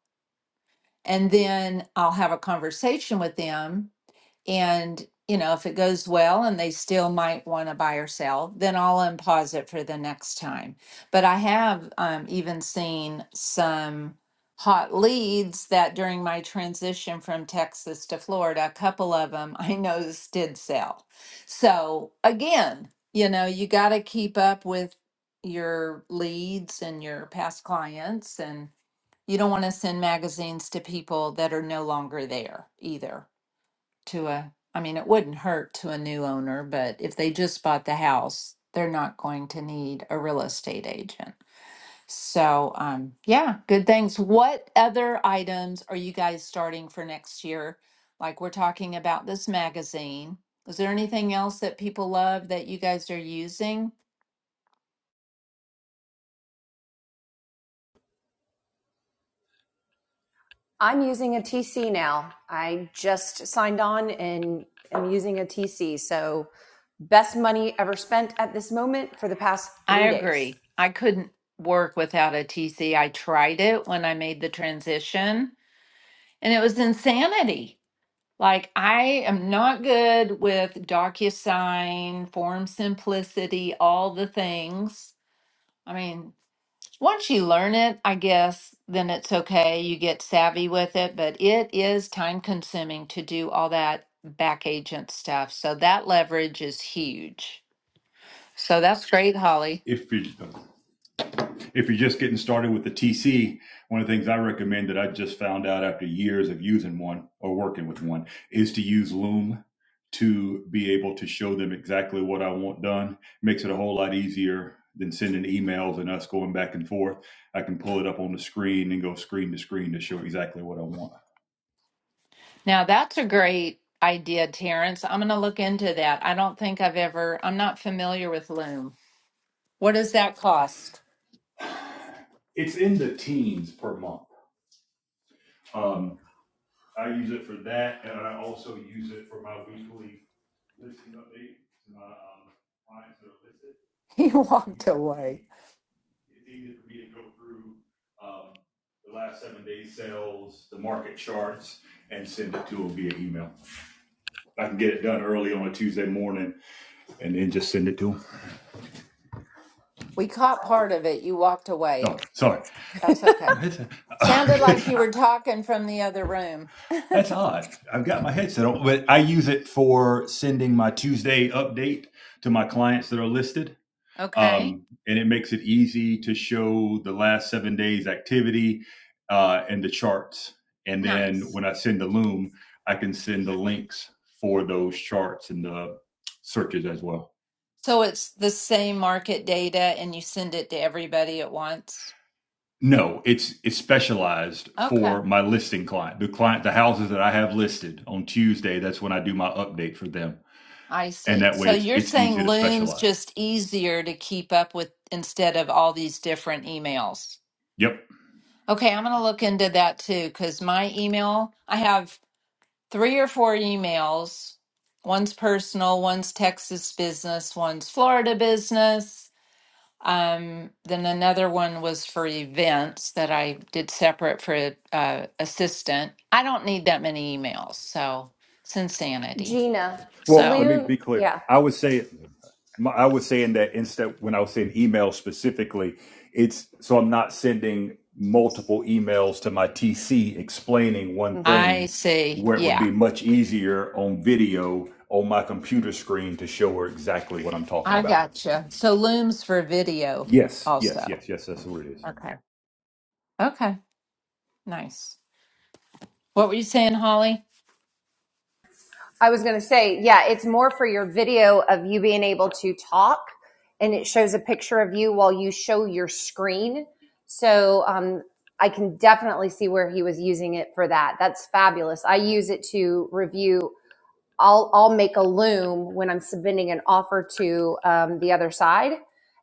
Speaker 1: and then I'll have a conversation with them And, you know, if it goes well and they still might want to buy or sell, then I'll unpause it for the next time. But I have um, even seen some hot leads that during my transition from Texas to Florida, a couple of them I noticed did sell. So again, you know, you got to keep up with your leads and your past clients and you don't want to send magazines to people that are no longer there either to a I mean it wouldn't hurt to a new owner, but if they just bought the house, they're not going to need a real estate agent. So um yeah, good things. What other items are you guys starting for next year? Like we're talking about this magazine. Is there anything else that people love that you guys are using?
Speaker 6: I'm using a TC now. I just signed on and am using a TC. So, best money ever spent at this moment for the past
Speaker 1: I
Speaker 6: three days.
Speaker 1: agree. I couldn't work without a TC. I tried it when I made the transition and it was insanity. Like, I am not good with DocuSign, form simplicity, all the things. I mean, once you learn it, I guess, then it's okay. You get savvy with it, but it is time consuming to do all that back agent stuff. So that leverage is huge. So that's great, Holly.
Speaker 7: If you if you're just getting started with the TC, one of the things I recommend that I just found out after years of using one or working with one is to use Loom to be able to show them exactly what I want done. Makes it a whole lot easier than sending emails and us going back and forth. I can pull it up on the screen and go screen to screen to show exactly what I want.
Speaker 1: Now, that's a great idea, Terrence. I'm going to look into that. I don't think I've ever, I'm not familiar with Loom. What does that cost?
Speaker 7: It's in the teens per month. Um, I use it for that, and I also use it for my weekly listing update to my um, clients that are listed.
Speaker 1: He
Speaker 7: It's
Speaker 1: walked
Speaker 7: easier for
Speaker 1: away.
Speaker 7: me. It's easier for me to go through um, the last seven days sales, the market charts, and send it to them via email. I can get it done early on a Tuesday morning and then just send it to them.
Speaker 1: We caught part of it. You walked away.
Speaker 7: Oh, sorry.
Speaker 1: That's okay.
Speaker 7: My head's-
Speaker 1: Sounded like
Speaker 7: Okay.
Speaker 1: you were talking from the other room.
Speaker 7: That's odd. I've got my headset on, but I use it for sending my Tuesday update to my clients that are listed.
Speaker 1: Okay,
Speaker 7: Um, and it makes it easy to show the last seven days' activity uh, and the charts. And then
Speaker 1: nice.
Speaker 7: when I send the Loom, I can send the links for those charts and the searches as well.
Speaker 1: So it's the same market data and you send it to everybody at once?
Speaker 7: No, it's it's specialized
Speaker 1: Okay,
Speaker 7: for my listing client, the client, the houses that I have listed on Tuesday. That's when I do my update for them.
Speaker 1: I
Speaker 7: and
Speaker 1: see.
Speaker 7: that
Speaker 1: So
Speaker 7: way it's
Speaker 1: you're
Speaker 7: it's
Speaker 1: saying
Speaker 7: easy to
Speaker 1: Loom's
Speaker 7: specialize.
Speaker 1: just easier to keep up with instead of all these different emails.
Speaker 7: Yep.
Speaker 1: Okay, I'm going to look into that too because my email, I have three or four emails. One's personal, one's Texas business, one's Florida business. Um, then another one was for events that I did separate for uh, assistant. I don't need that many emails, so it's insanity.
Speaker 6: Gina,
Speaker 7: Well, let
Speaker 1: So
Speaker 7: me
Speaker 6: Loon,
Speaker 7: be clear.
Speaker 6: yeah.
Speaker 7: I would say, I was saying that instead when I was saying email specifically, it's so I'm not sending multiple emails to my TC explaining one
Speaker 6: Mm-hmm.
Speaker 1: I
Speaker 7: thing,
Speaker 1: see.
Speaker 7: where it would
Speaker 1: yeah,
Speaker 7: be much easier on video on my computer screen to show her exactly what I'm talking
Speaker 1: I
Speaker 7: about.
Speaker 1: gotcha. So looms for video
Speaker 7: Yes, yes,
Speaker 1: also.
Speaker 7: yes, yes. That's what it is.
Speaker 1: Okay. Okay. Nice. What were you saying, Holly?
Speaker 6: I was going to say, yeah, it's more for your video of you being able to talk, and it shows a picture of you while you show your screen. So um, I can definitely see where he was using it for that. That's fabulous. I use it to review I'll I'll make a loom when I'm submitting an offer to um, the other side,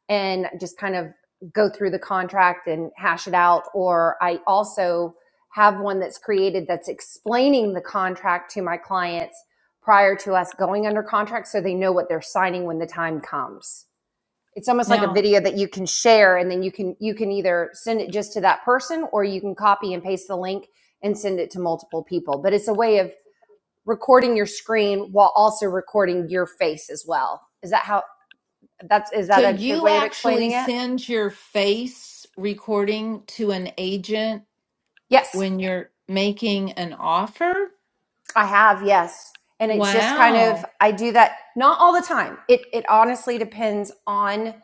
Speaker 6: and just kind of go through the contract and hash it out. Or I also have one that's created that's explaining the contract to my clients prior to us going under contract, so they know what they're signing when the time comes. It's almost like a
Speaker 1: Now,
Speaker 6: video that you can share, and then you can you can either send it just to that person, or you can copy and paste the link and send it to multiple people. But it's a way of recording your screen while also recording your face as well. Is that how that's is
Speaker 1: so
Speaker 6: that a good
Speaker 1: you
Speaker 6: way of
Speaker 1: actually
Speaker 6: explaining it?
Speaker 1: send your face recording to an agent
Speaker 6: Yes,
Speaker 1: when you're making an offer?
Speaker 6: I have, yes. And it's just kind
Speaker 1: Wow.
Speaker 6: of I do that not all the time. It it honestly depends on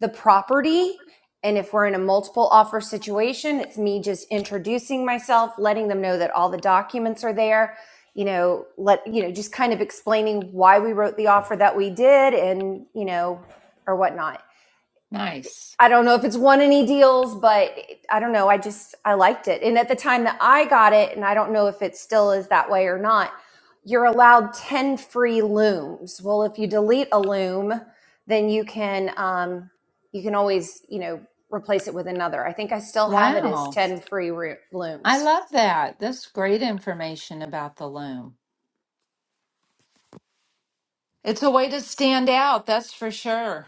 Speaker 6: the property and if we're in a multiple offer situation, it's me just introducing myself, letting them know that all the documents are there, you know, let you know, just kind of explaining why we wrote the offer that we did and, you know, or whatnot.
Speaker 1: Nice.
Speaker 6: I don't know if it's won any deals, but I don't know. I just I liked it. And at the time that I got it, and I don't know if it still is that way or not, you're allowed 10 free looms. Well, if you delete a loom, then you can um you can always, you know, replace it with another. I think I still have it as
Speaker 1: Wow.
Speaker 6: 10 free roo-
Speaker 1: I
Speaker 6: looms.
Speaker 1: love that. That's great information about the loom. It's a way to stand out, that's for sure.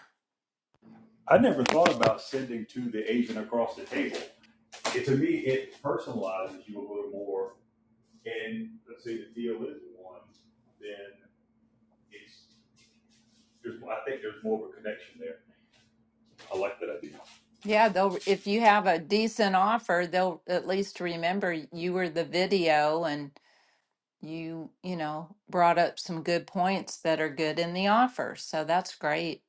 Speaker 7: I never thought about sending to the agent across the table. It, to me, it personalizes you a little more And let's say the deal is won, then it's, there's, I think there's more of a connection there. I like that idea.
Speaker 1: Yeah, they'll if you have a decent offer, they'll at least remember you were the video and you, you know, brought up some good points that are good in the offer. So that's great.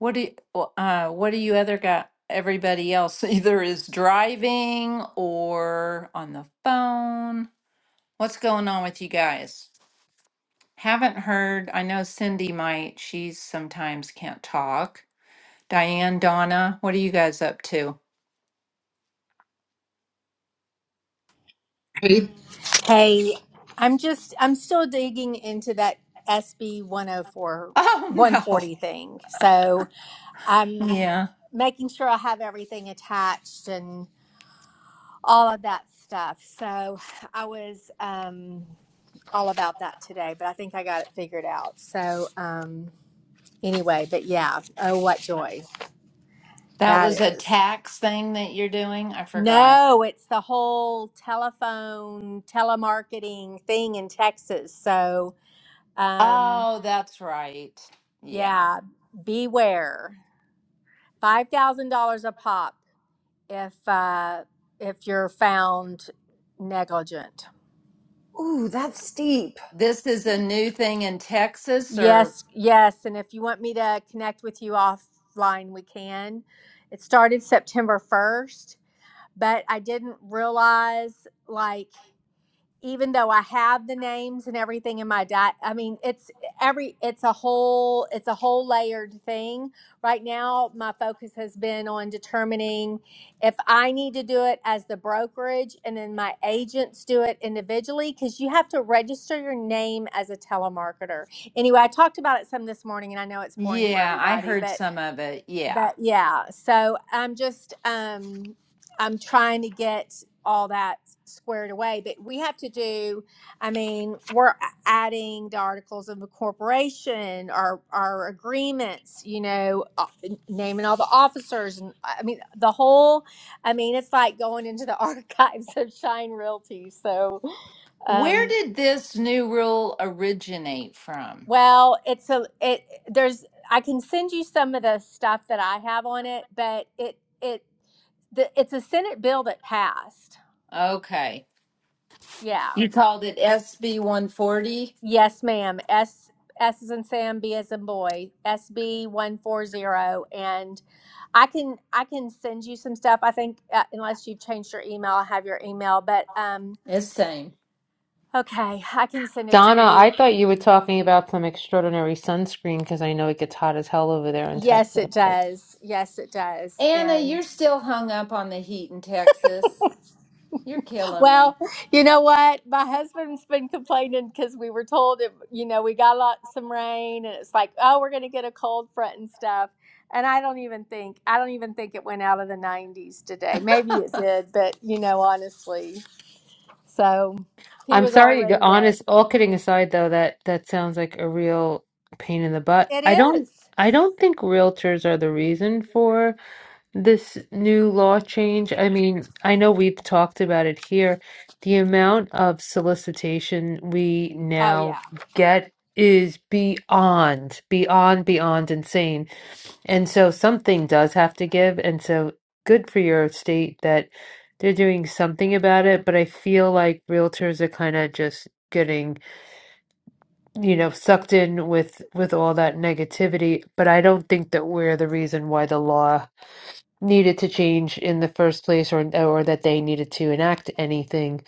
Speaker 1: What do you, uh what do you other got everybody else either is driving or on the phone? What's going on with you guys? Haven't heard. I know Cindy might. She's sometimes can't talk. Diane, Donna, what are you guys up to?
Speaker 8: eight
Speaker 9: Hey, I'm just I'm still digging into that SB 104
Speaker 1: Oh,
Speaker 9: 140 thing. So,
Speaker 1: no.
Speaker 9: I'm
Speaker 1: Yeah.
Speaker 9: making sure I have everything attached and all of that stuff. So, I was um all about that today, but I think I got it figured out. So, um anyway, but yeah, oh what joy
Speaker 1: That
Speaker 9: that
Speaker 1: was a
Speaker 9: is.
Speaker 1: tax thing that you're doing? I forgot.
Speaker 9: No, it's the whole telephone telemarketing thing in Texas. So, um
Speaker 1: Oh, that's right. Yeah.
Speaker 9: Yeah, beware. Five thousand dollars a pop if uh, if you're found negligent.
Speaker 6: Ooh, that's steep.
Speaker 1: This is a new thing in Texas, or?
Speaker 9: Yes, yes. And if you want me to connect with you offline, we can. It started September first, but I didn't realize like even though I have the names and everything in my diet, I mean, it's every, it's a whole, it's a whole layered thing. Right now, my focus has been on determining if I need to do it as the brokerage and then my agents do it individually because you have to register your name as a telemarketer. Anyway, I talked about it some this morning and I know it's boring for
Speaker 1: Yeah, I
Speaker 9: everybody,
Speaker 1: heard
Speaker 9: but
Speaker 1: some of it. Yeah.
Speaker 9: but yeah so i'm just um i'm trying to get all that squared away but we have to do i mean we're adding the articles of incorporation our our agreements you know uh, naming all the officers and i mean the whole i mean it's like going into the archives of shine realty so
Speaker 1: Where
Speaker 9: um,
Speaker 1: did this new rule originate from?
Speaker 9: Well, it's a it there's I can send you some of the stuff that I have on it, but it it the, it's a Senate bill that passed.
Speaker 1: Okay.
Speaker 9: Yeah.
Speaker 1: You called it SB 140?
Speaker 9: Yes, ma'am. S S is in Sam, B is in boy, SB one four zero, and I can I can send you some stuff. I think uh, unless you've changed your email, I have your email, but um,
Speaker 1: It's same.
Speaker 9: okay, I can send it to
Speaker 5: Donna,
Speaker 9: you.
Speaker 5: I thought you were talking about some extraordinary sunscreen because I know it gets hot as hell over there in
Speaker 9: Yes,
Speaker 5: Texas.
Speaker 9: it
Speaker 5: Like,
Speaker 9: does. Yes, it does.
Speaker 1: Anna, you're
Speaker 9: And
Speaker 1: still hung up on the heat in Texas. You're killing
Speaker 9: Well,
Speaker 1: me.
Speaker 9: you know what? My husband's been complaining because we were told, it, you know, we got a lot, some rain, and it's like, oh, we're going to get a cold front and stuff. And I don't even think, I don't even think it went out of the 90s today. Maybe it did, but you know, honestly, so he
Speaker 5: I'm
Speaker 9: was all
Speaker 5: sorry to go
Speaker 9: ready to.
Speaker 5: honest, all kidding aside though, that that sounds like a real pain in the butt.
Speaker 9: It
Speaker 5: I don't
Speaker 9: is.
Speaker 5: I don't think realtors are the reason for this new law change. I mean, I know we've talked about it here. The amount of solicitation we
Speaker 9: Oh
Speaker 5: now
Speaker 9: yeah.
Speaker 5: get is beyond, beyond, beyond insane. And so something does have to give. And so good for your state that they're doing something about it. But I feel like realtors are kind of just getting, you know, sucked in with with all that negativity. But I don't think that we're the reason why the law needed to change in the first place or or that they needed to enact anything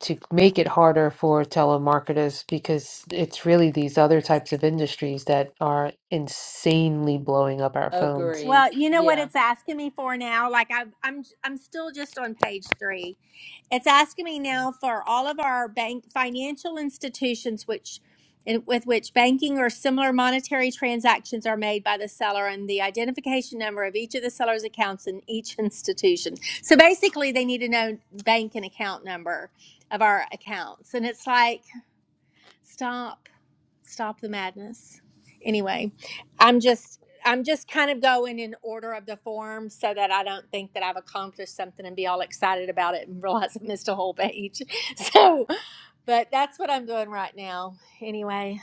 Speaker 5: to make it harder for telemarketers because it's really these other types of industries that are insanely blowing up our phones.
Speaker 1: Agree.
Speaker 9: Well, you know what
Speaker 1: Yeah.
Speaker 9: it's asking me for now? Like I I'm I'm still just on page 3 It's asking me now for all of our bank financial institutions which in- with which banking or similar monetary transactions are made by the seller and the identification number of each of the seller's accounts in each institution. So basically they need to know bank and account number of our accounts. And it's like stop stop the madness anyway i'm just i'm just kind of going in order of the form so that i don't think that i've accomplished something and be all excited about it and realize i missed a whole page so but that's what i'm doing right now anyway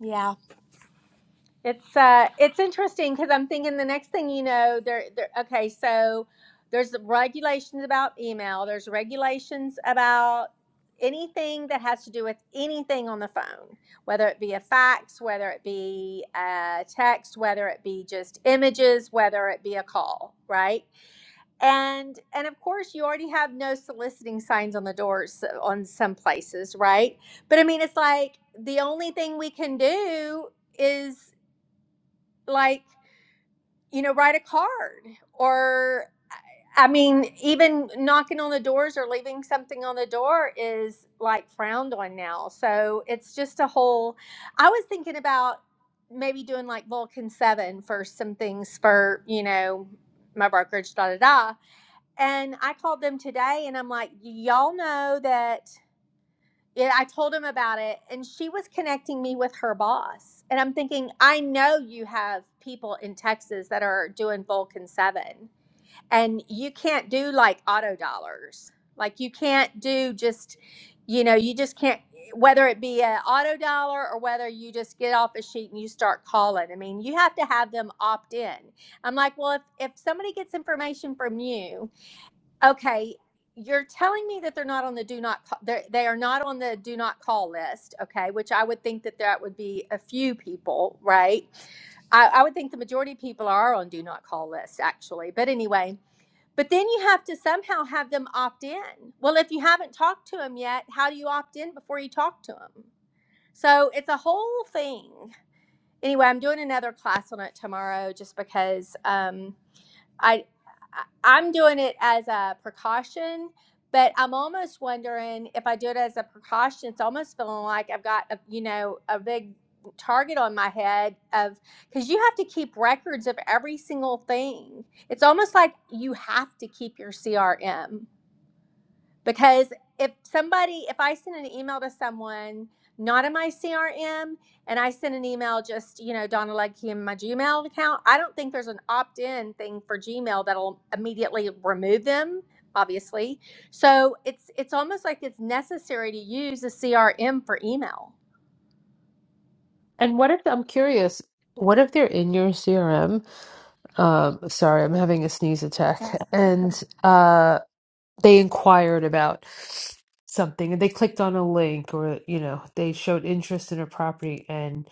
Speaker 9: yeah it's uh, it's interesting because I'm thinking the next thing you know, there, there. Okay, so there's regulations about email. There's regulations about anything that has to do with anything on the phone, whether it be a fax, whether it be a text, whether it be just images, whether it be a call, right? And and of course, you already have no soliciting signs on the doors on some places, right? But I mean, it's like the only thing we can do is like you know write a card or i mean even knocking on the doors or leaving something on the door is like frowned on now so it's just a whole i was thinking about maybe doing like vulcan 7 for some things for you know my brokerage da da da and i called them today and i'm like y'all know that yeah, I told him about it, and she was connecting me with her boss. And I'm thinking, I know you have people in Texas that are doing Vulcan 7, and you can't do like auto dollars. Like, you can't do just, you know, you just can't, whether it be an auto dollar or whether you just get off a sheet and you start calling. I mean, you have to have them opt in. I'm like, well, if, if somebody gets information from you, Okay, you're telling me that they're not on the do not ca- they're- they are not on the do not call list, okay? Which I would think that that would be a few people, right? I, I would think the majority of people are on do not call lists actually. But anyway, but then you have to somehow have them opt in. Well, if you haven't talked to them yet, how do you opt in before you talk to them? So it's a whole thing. Anyway, I'm doing another class on it tomorrow just because Um, I I- am doing it as a precaution, but I'm almost wondering if I do it as a precaution, it's almost feeling like I've got a you know a big target on my head of because you have to keep records of every single thing. It's almost like you have to keep your CRM because if somebody if i send an email to someone not in my crm and i send an email just you know donna Lecky in my gmail account i don't think there's an opt-in thing for gmail that'll immediately remove them obviously so it's it's almost like it's necessary to use a crm for email
Speaker 5: And what if I'm curious, what if they're in your CRM? Um, sorry, I'm having a sneeze attack. And uh, they inquired about something and they clicked on a link or, you know, they showed interest in a property and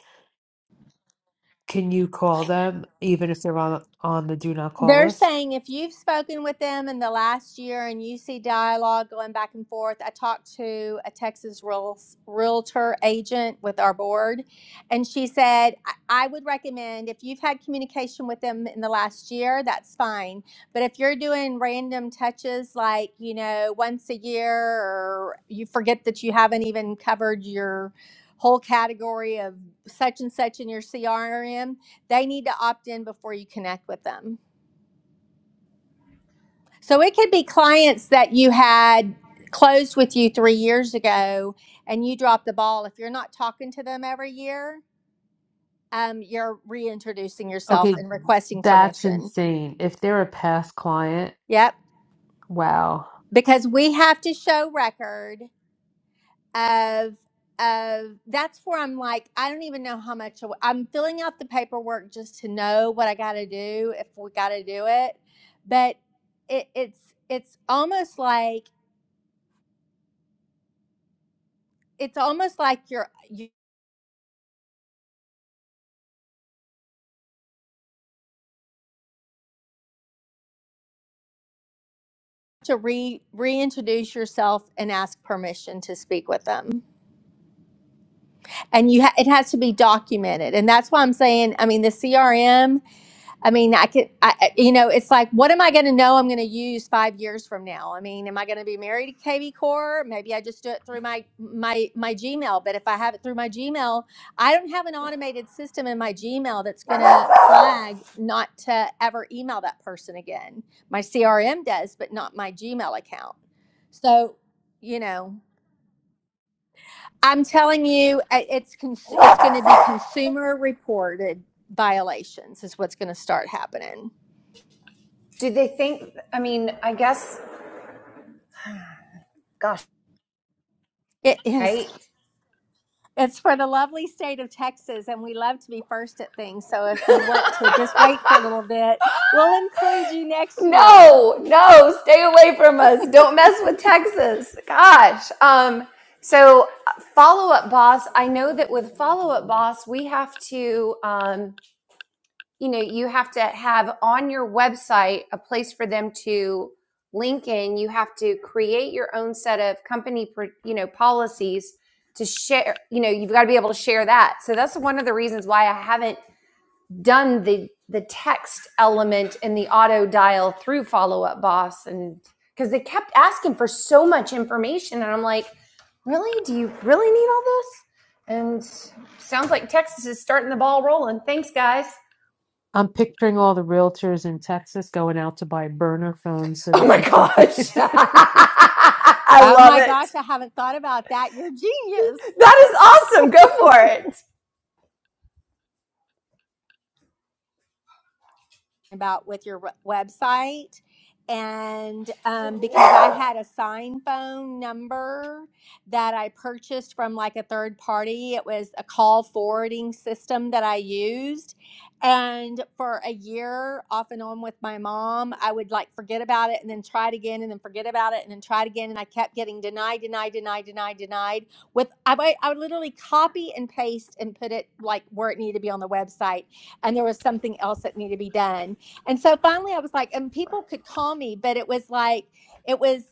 Speaker 5: can you call them even if they're on on the do not call
Speaker 9: They're
Speaker 5: list?
Speaker 9: saying if you've spoken with them in the last year and you see dialogue going back and forth, I talked to a Texas real, realtor agent with our board, and she said, I, I would recommend if you've had communication with them in the last year, that's fine. But if you're doing random touches like, you know, once a year, or you forget that you haven't even covered your whole category of such and such in your CRM, they need to opt in before you connect with them. So it could be clients that you had closed with you three years ago and you dropped the ball. If you're not talking to them every year, um, you're reintroducing yourself
Speaker 5: Okay,
Speaker 9: and requesting
Speaker 5: that's
Speaker 9: permission.
Speaker 5: insane. If they're a past client,
Speaker 9: Yep.
Speaker 5: wow.
Speaker 9: Because we have to show record of of that's where I'm like, I don't even know how much I- I'm filling out the paperwork just to know what I gotta do if we gotta do it. But it, it's it's almost like it's almost like you're to re reintroduce yourself and ask permission to speak with them. And you ha- it has to be documented. And that's why I'm saying, I mean, the CRM I mean, I could, I, I- you know, it's like, what am I going to know I'm going to use five years from now? I mean, am I going to be married to Katie Core? Maybe I just do it through my, my, my Gmail. But if I have it through my Gmail, I don't have an automated system in my Gmail that's going to flag not to ever email that person again. My CRM does, but not my Gmail account. So, you know, I'm telling you, I- it's, cons- it's going to be consumer reported violations is what's going to start happening.
Speaker 6: Do they think I mean, I guess gosh,
Speaker 9: It
Speaker 6: right?
Speaker 9: is. It's for the lovely state of Texas, and we love to be first at things. So if you want to just wait for a little bit, we'll include you next year.
Speaker 6: No, no, stay away from us. Don't mess with Texas. Gosh. Um, so follow up boss, I know that with follow up boss, we have to um, you know, you have to have on your website a place for them to link in. You have to create your own set of company, pr- you know, policies to share, you know, you've got to be able to share that. So that's one of the reasons why I haven't done the the text element and the auto dial through follow up boss and because they kept asking for so much information and i'm like really do you really need all this and sounds like texas is starting the ball rolling thanks guys
Speaker 5: I'm picturing all the realtors in Texas going out to buy burner phones so
Speaker 6: oh
Speaker 5: that
Speaker 6: my
Speaker 5: they can
Speaker 6: gosh i
Speaker 9: Oh
Speaker 6: love
Speaker 9: my
Speaker 6: it
Speaker 9: gosh, I haven't thought about that. You're genius.
Speaker 6: that is awesome go for it
Speaker 9: about with your website. And um, because I had a sign phone number that I purchased from like a third party, it was a call forwarding system that I used. And for a year, off and on with my mom, I would like forget about it and then try it again and then forget about it and then try it again. And I kept getting denied, denied, denied, denied, denied. With I, would- I would literally copy and paste and put it like where it needed to be on the website and there was something else that needed to be done. And so finally I was like, and people could call me, but it was like it was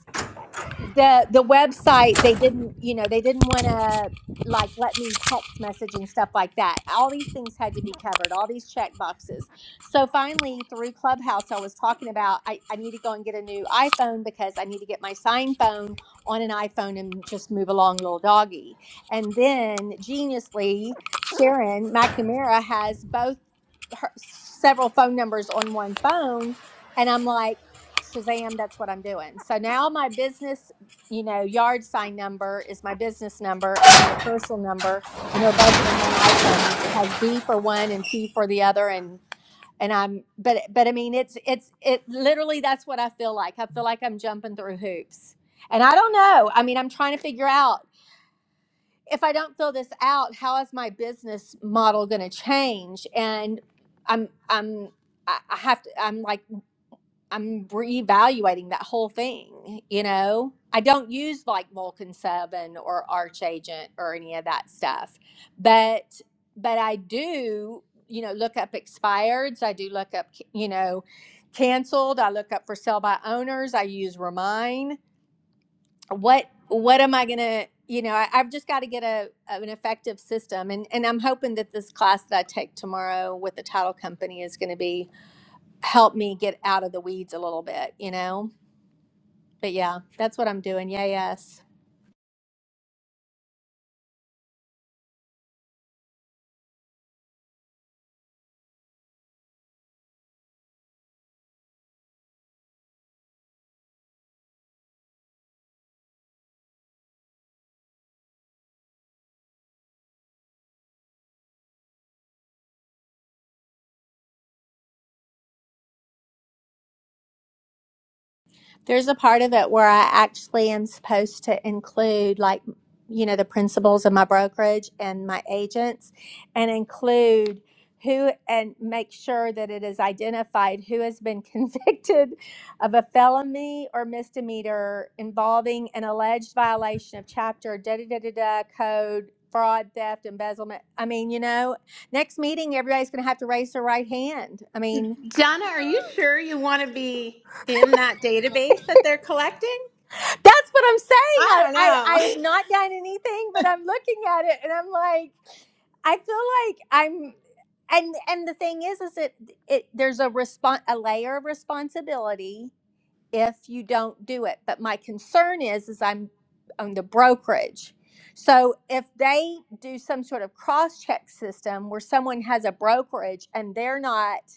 Speaker 9: the the website, they didn't, you know, they didn't want to like let me text message and stuff like that. All these things had to be covered, all these check boxes. So finally through Clubhouse I was talking about I, I need to go and get a new iPhone because I need to get my sign phone on an iPhone and just move along little doggy. And then geniusly Sharon McNamara has both her, several phone numbers on one phone and i'm like shazam that's what i'm doing so now my business you know yard sign number is my business number and my personal number and they're both on one iphone and it has b for one and p for the other and and i'm but but i mean it's it's it literally that's what i feel like i feel like i'm jumping through hoops and i don't know i mean i'm trying to figure out if I don't fill this out, how is my business model going to change? And I'm I'm I have to I'm like I'm reevaluating that whole thing, you know. I don't use like Vulcan 7 or Arch Agent or any of that stuff. But but I do, you know, look up expireds, I do look up, you know, canceled, I look up for sale by owners, I use Remind what what am i going to you know I, i've just got to get a an effective system and and i'm hoping that this class that i take tomorrow with the title company is going to be help me get out of the weeds a little bit you know but yeah that's what i'm doing yeah yes There's a part of it where I actually am supposed to include, like, you know, the principals of my brokerage and my agents, and include who and make sure that it is identified who has been convicted of a felony or misdemeanor involving an alleged violation of chapter da da da da da code fraud theft embezzlement i mean you know next meeting everybody's going to have to raise their right hand i mean
Speaker 10: Donna, are you sure you want to be in that database that they're collecting?
Speaker 9: That's what I'm saying.
Speaker 10: I
Speaker 9: I,
Speaker 10: don't
Speaker 9: I
Speaker 10: know.
Speaker 9: I've not done anything, but I'm looking at it and I'm like, I feel like I'm and and the thing is is it it there's a response a layer of responsibility if you don't do it. But my concern is is I'm on the brokerage. So if they do some sort of cross check system where someone has a brokerage and they're not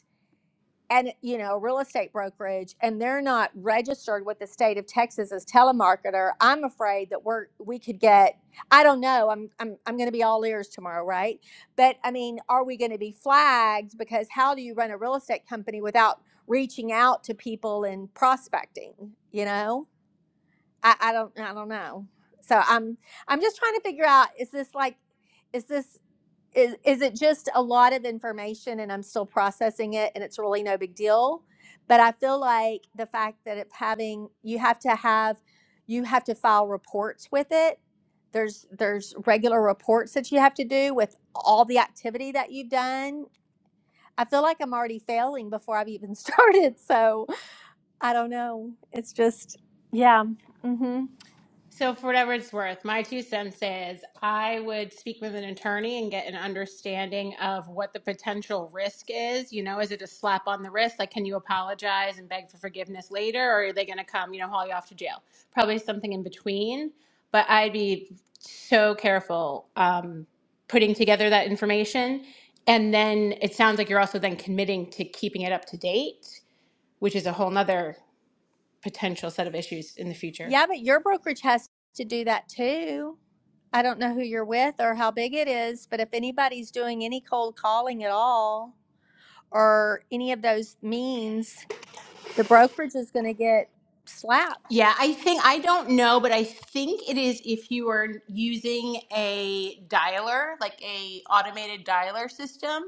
Speaker 9: and you know real estate brokerage and they're not registered with the state of texas as telemarketer i'm afraid that we're we could get i don't know i'm i'm, I'm going to be all ears tomorrow right but i mean are we going to be flagged because how do you run a real estate company without reaching out to people and prospecting you know i, I don't i don't know so i'm i'm just trying to figure out is this like is this is is it just a lot of information and I'm still processing it and it's really no big deal? But I feel like the fact that it's having you have to have you have to file reports with it. There's there's regular reports that you have to do with all the activity that you've done. I feel like I'm already failing before I've even started. So I don't know. It's just yeah. Mm-hmm.
Speaker 10: So, for whatever it's worth, my two cents is I would speak with an attorney and get an understanding of what the potential risk is. You know, is it a slap on the wrist? Like, can you apologize and beg for forgiveness later? Or are they going to come, you know, haul you off to jail? Probably something in between. But I'd be so careful um, putting together that information. And then it sounds like you're also then committing to keeping it up to date, which is a whole nother potential set of issues in the future.
Speaker 9: Yeah, but your brokerage has to do that too. I don't know who you're with or how big it is, but if anybody's doing any cold calling at all or any of those means, the brokerage is going to get slapped.
Speaker 10: Yeah, I think I don't know, but I think it is if you are using a dialer, like a automated dialer system.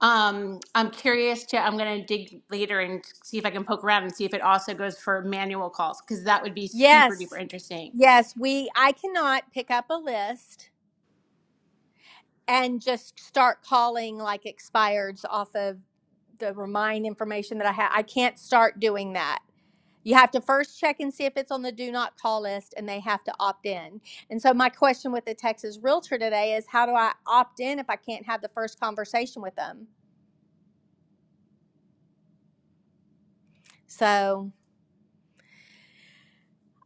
Speaker 10: Um, I'm curious to. I'm gonna dig later and see if I can poke around and see if it also goes for manual calls because that would be super duper
Speaker 9: Yes.
Speaker 10: interesting.
Speaker 9: Yes, we I cannot pick up a list and just start calling like expireds off of the remind information that I have. I can't start doing that. You have to first check and see if it's on the do not call list and they have to opt in. And so, my question with the Texas realtor today is how do I opt in if I can't have the first conversation with them? So,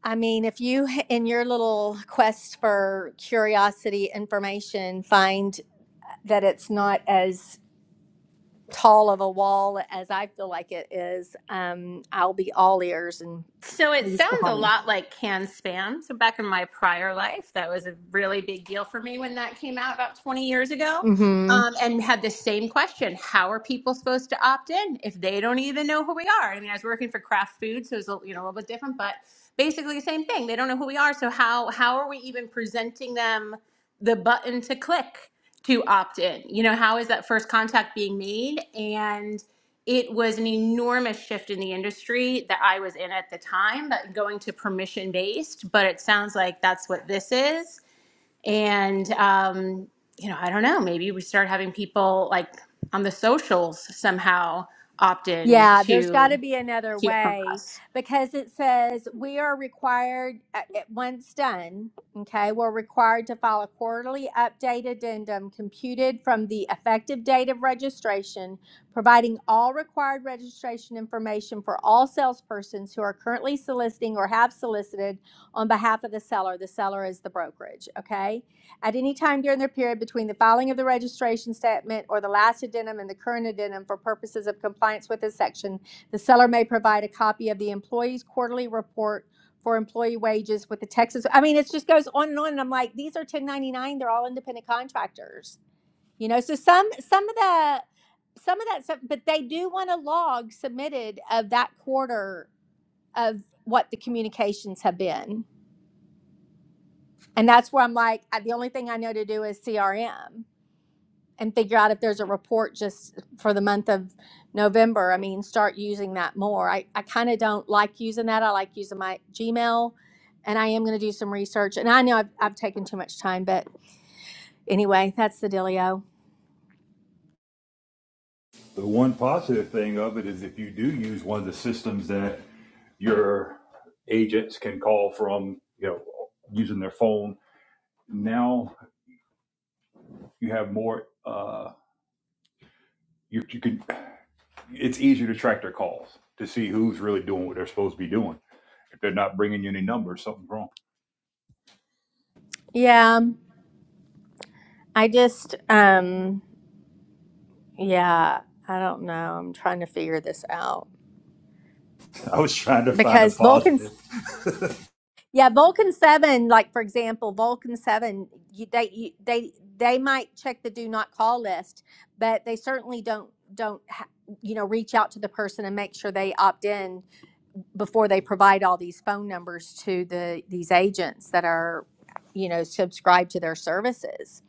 Speaker 9: I mean, if you in your little quest for curiosity information find that it's not as tall of a wall as I feel like it is, um, I'll be all ears and
Speaker 10: So it
Speaker 9: please
Speaker 10: sounds
Speaker 9: call
Speaker 10: a
Speaker 9: me.
Speaker 10: lot like can spam. So back in my prior life, that was a really big deal for me when that came out about 20 years ago.
Speaker 9: Mm-hmm.
Speaker 10: Um, and had the same question: How are people supposed to opt in if they don't even know who we are? I mean, I was working for Kraft Food, so it's a, you know a little bit different, but basically the same thing. They don't know who we are, so how how are we even presenting them the button to click to opt in? You know, how is that first contact being made? And it was an enormous shift in the industry that I was in at the time, but going to permission based. But it sounds like that's what this is. And, um, you know, I don't know, maybe we start having people like on the socials somehow opt in
Speaker 9: Yeah, there's got to
Speaker 10: to
Speaker 9: be another
Speaker 10: hear from
Speaker 9: way
Speaker 10: us.
Speaker 9: because it says we are required, uh, it- once done, okay, we're required to file a quarterly update addendum computed from the effective date of registration, providing all required registration information for all salespersons who are currently soliciting or have solicited on behalf of the seller. The seller is the brokerage, okay? at any time during their period between the filing of the registration statement or the last addendum and the current addendum for purposes of compliance with this section, the seller may provide a copy of the employee's quarterly report for employee wages with the Texas, I mean, it just goes on and on, and I'm like, these are ten ninety-nine, they're all independent contractors. You know, so some, some of the, some of that stuff, but they do want a log submitted of that quarter of what the communications have been. And that's where I'm like, the only thing I know to do is CRM and figure out if there's a report just for the month of November. I mean, start using that more. I, I kind of don't like using that. I like using my Gmail and I am going to do some research. And I know I've, I've taken too much time, but anyway, that's the dealio.
Speaker 7: The one positive thing of it is if you do use one of the systems that your agents can call from, you know, using their phone, now you have more, uh, you, you can, it's easier to track their calls to see who's really doing what they're supposed to be doing. If they're not bringing you any numbers, something's wrong.
Speaker 9: Yeah, I just, um, yeah, I don't know. I'm trying to figure this out
Speaker 7: I was trying to find a
Speaker 9: because Vulcan
Speaker 7: positive.
Speaker 9: Yeah, Vulcan Seven, like for example, Vulcan Seven, you, they you, they they might check the do not call list, but they certainly don't don't ha- you know reach out to the person and make sure they opt in before they provide all these phone numbers to the these agents that are you know subscribed to their services.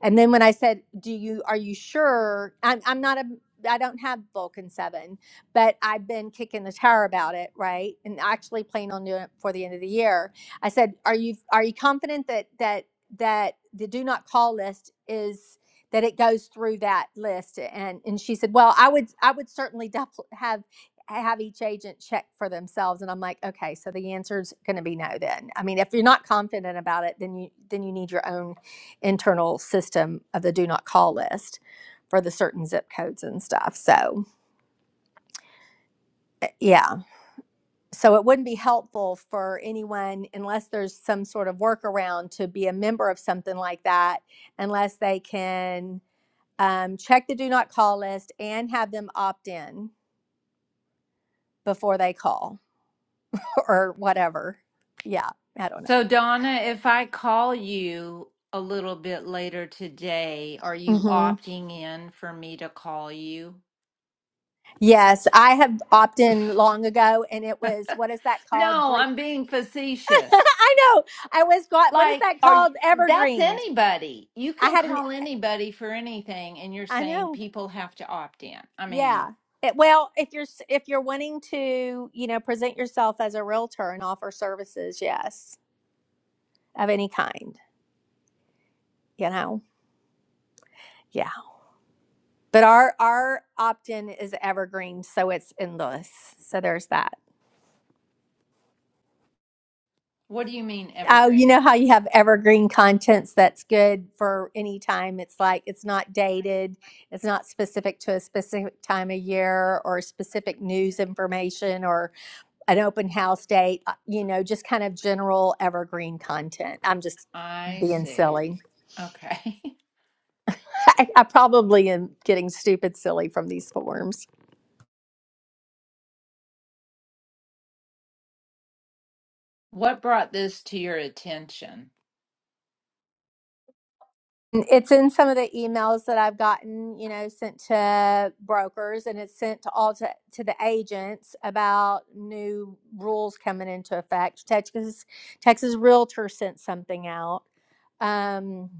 Speaker 9: And then when I said, "Do you are you sure?" I'm I'm not a I don't have Vulcan Seven, but I've been kicking the tire about it, right? And actually planning on doing it before the end of the year. I said, "Are you are you confident that that that the do not call list is that it goes through that list?" And and she said, "Well, I would I would certainly double have." have each agent check for themselves and i'm like okay so the answer's going to be no then i mean if you're not confident about it then you then you need your own internal system of the do not call list for the certain zip codes and stuff. So, eh, yeah. So it wouldn't be helpful for anyone unless there's some sort of workaround to be a member of something like that, unless they can um, check the do not call list and have them opt in before they call or whatever. Yeah, I don't know.
Speaker 1: So, Donna, if I call you a little bit later today, are you
Speaker 9: Mhm.
Speaker 1: opting in for me to call you?
Speaker 9: Yes, I have opted in long ago, and it was what is that called?
Speaker 1: No, I'm being facetious.
Speaker 9: I know. I was got what is
Speaker 1: Like,
Speaker 9: that
Speaker 1: are you,
Speaker 9: called?
Speaker 1: that's
Speaker 9: Evergreened.
Speaker 1: anybody. You
Speaker 9: I
Speaker 1: can
Speaker 9: had an.
Speaker 1: call anybody for anything, and you're
Speaker 9: I
Speaker 1: saying
Speaker 9: know.
Speaker 1: people have to opt in. I mean,
Speaker 9: Yeah. It, well, if you're s- if you're wanting to, you know, present yourself as a realtor and offer services, yes, of any kind, you know, yeah. But our our opt in is evergreen, so it's endless. So there's that.
Speaker 1: what do you mean
Speaker 9: Oh, you
Speaker 1: evergreen?
Speaker 9: know how you have evergreen contents that's good for any time. It's like it's not dated, it's not specific to a specific time of year or specific news information or an open house date, uh, you know, just kind of general evergreen content. I'm just
Speaker 1: I
Speaker 9: being
Speaker 1: see.
Speaker 9: silly.
Speaker 1: Okay.
Speaker 9: I, I probably am getting stupid silly from these forms.
Speaker 1: What brought this to your attention?
Speaker 9: It's in some of the emails that I've gotten, you know, sent to brokers and it's sent to all to, to the agents about new rules coming into effect. Texas Texas Realtor sent something out. Um,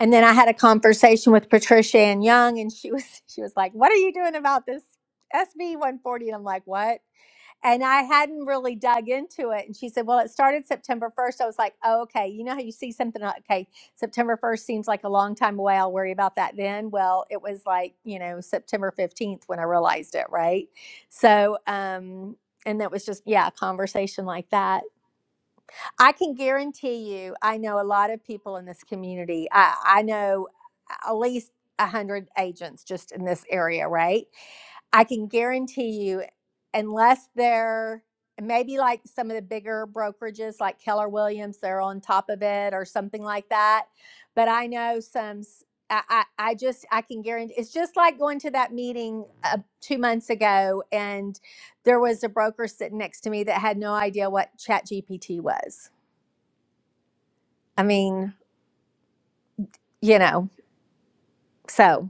Speaker 9: and then I had a conversation with Patricia and Young and she was she was like, "What are you doing about this SB one forty?" And I'm like, "What?" And I hadn't really dug into it. And she said, Well, it started September 1st. I was like, Oh, okay. You know how you see something, like, okay, September 1st seems like a long time away. I'll worry about that then. Well, it was like, you know, September 15th when I realized it, right? So, um, and that was just, yeah, a conversation like that. I can guarantee you, I know a lot of people in this community. I, I know at least 100 agents just in this area, right? I can guarantee you, unless they're maybe like some of the bigger brokerages like Keller Williams, they're on top of it or something like that. But I know some. I I I just I can guarantee it's just like going to that meeting uh, two months ago and there was a broker sitting next to me that had no idea what ChatGPT was. I mean, you know, so.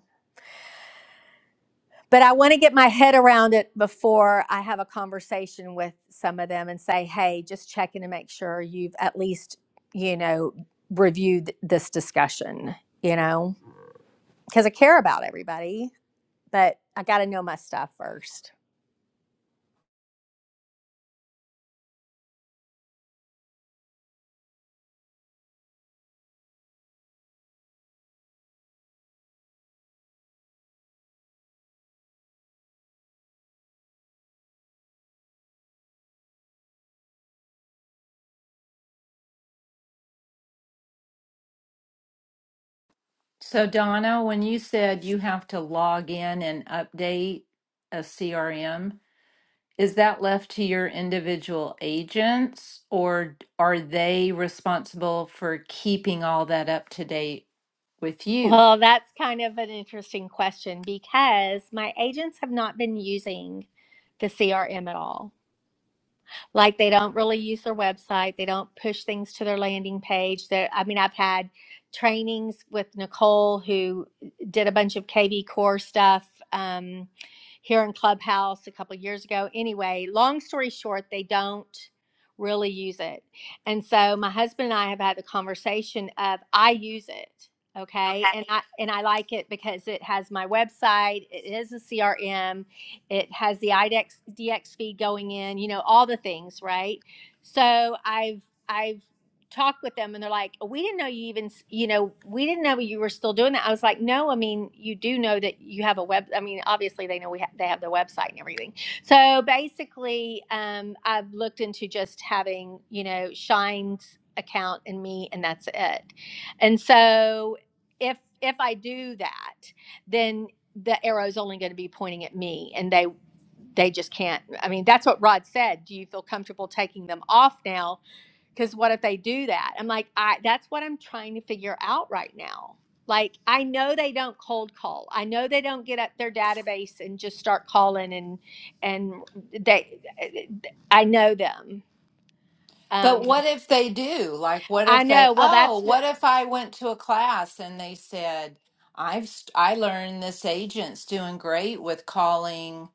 Speaker 9: but I want to get my head around it before I have a conversation with some of them and say, hey, just checking to make sure you've at least, you know, reviewed this discussion, you know, because I care about everybody, but I got to know my stuff first.
Speaker 1: So, Donna, when you said you have to log in and update a CRM, is that left to your individual agents or are they responsible for keeping all that up to date with you?
Speaker 9: Well, that's kind of an interesting question because my agents have not been using the CRM at all. like they don't really use their website they don't push things to their landing page there i mean i've had trainings with nicole who did a bunch of kv core stuff um, here in clubhouse a couple of years ago anyway long story short they don't really use it and so my husband and i have had the conversation of i use it okay
Speaker 1: Okay.
Speaker 9: and i and i like it because it has my website it is a crm it has the IDEX feed going in, you know, all the things, right? So I've I've talked with them and they're like, "We didn't know you even, you know, we didn't know you were still doing that." I was like, "No, I mean, you do know that you have a web I mean, obviously they know we ha- they have the website and everything." So basically, um I've looked into just having, you know, Shine's account and me and that's it. And so if if I do that, then the arrow's only going to be pointing at me and they they just can't i mean that's what rod said do you feel comfortable taking them off now because what if they do that i'm like i that's what i'm trying to figure out right now like i know they don't cold call i know they don't get up their database and just start calling and and they i know them
Speaker 1: But
Speaker 9: um
Speaker 1: what if they do? Like, what
Speaker 9: i
Speaker 1: if they,
Speaker 9: know well
Speaker 1: oh,
Speaker 9: that's what
Speaker 1: what if I went to a class and they said, I've, st- I learned this agent's doing great with calling.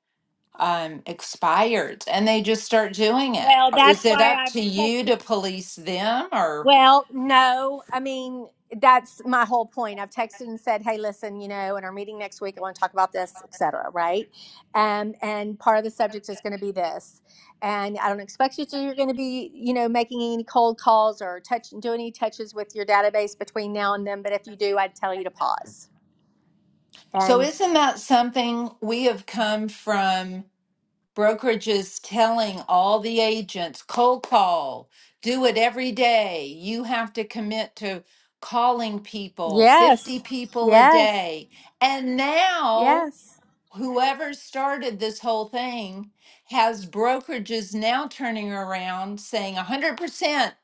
Speaker 1: um, expired and they just start doing it.
Speaker 9: well
Speaker 1: Uh,
Speaker 9: that's
Speaker 1: Is it
Speaker 9: why
Speaker 1: up
Speaker 9: i've
Speaker 1: to you
Speaker 9: texted
Speaker 1: to police them or
Speaker 9: Well, no, I mean, that's my whole point. I've texted and said, hey, listen, you know, in our meeting next week, I want to talk about this, et cetera, right? Um, and part of the subject is going to be this. And I don't expect you to, you're going to be, you know, making any cold calls or touch, do any touches with your database between now and then. But if you do, I'd tell you to pause.
Speaker 1: so
Speaker 9: And
Speaker 1: isn't that something we have come from brokerages telling all the agents cold call, do it every day. You have to commit to calling people 50
Speaker 9: yes,
Speaker 1: people a
Speaker 9: yes,
Speaker 1: day. And now
Speaker 9: yes.
Speaker 1: whoever started this whole thing has brokerages now turning around saying 100%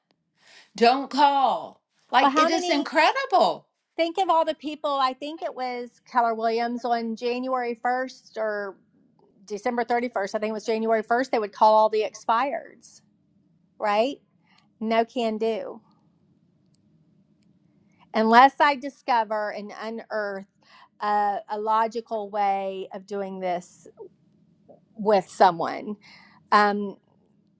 Speaker 1: Don't call.
Speaker 9: Well,
Speaker 1: Like
Speaker 9: how
Speaker 1: it is
Speaker 9: many?
Speaker 1: incredible.
Speaker 9: Think of all the people. I think it was Keller Williams on January 1st or December 31st, I think it was January 1st, they would call all the expireds, right? No can do. Unless I discover and unearth a, a logical way of doing this with someone. um,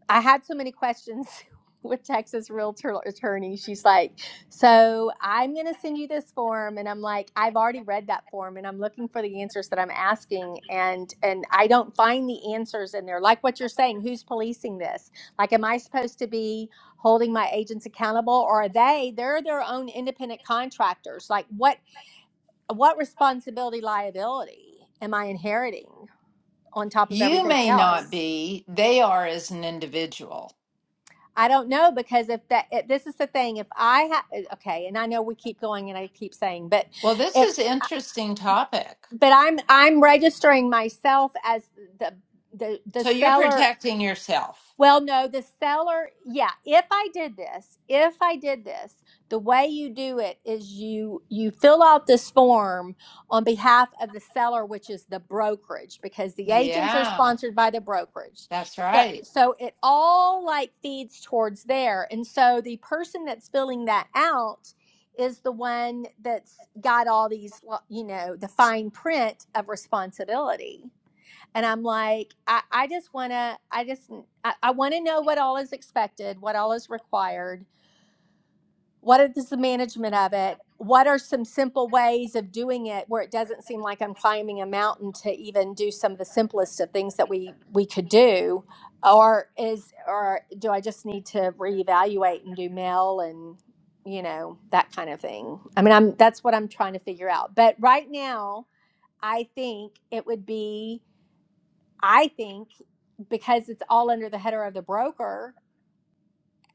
Speaker 9: I had so many questions with Texas Realtor attorney. She's like, "So I'm going to send you this form," and I'm like, "I've already read that form, and I'm looking for the answers that I'm asking, and and I don't find the answers in there. Like what you're saying, who's policing this? Like, am I supposed to be holding my agents accountable, or are they? They're their own independent contractors. Like, what what responsibility liability am I inheriting on top of
Speaker 1: You
Speaker 9: everything
Speaker 1: may not
Speaker 9: else?"
Speaker 1: be, they are as an individual.
Speaker 9: I don't know because if that if, this is the thing if I have okay and I know we keep going and I keep saying but
Speaker 1: Well, this
Speaker 9: if
Speaker 1: is an interesting topic.
Speaker 9: but I'm I'm registering myself as the the the
Speaker 1: So you're
Speaker 9: seller
Speaker 1: protecting yourself.
Speaker 9: well, no, the seller, yeah, if I did this, if I did this, the way you do it is you you fill out this form on behalf of the seller, which is the brokerage, because the agents are
Speaker 1: Yeah,
Speaker 9: sponsored by the brokerage.
Speaker 1: that's
Speaker 9: So
Speaker 1: right.
Speaker 9: so it all like feeds towards there. And so the person that's filling that out is the one that's got all these, lo- you know, the fine print of responsibility and i'm like i, I just want to i just i, I want to know what all is expected what all is required what is the management of it what are some simple ways of doing it where it doesn't seem like i'm climbing a mountain to even do some of the simplest of things that we we could do or is or do i just need to reevaluate and do mail and you know that kind of thing i mean i'm that's what i'm trying to figure out but right now i think it would be I think because it's all under the header of the broker,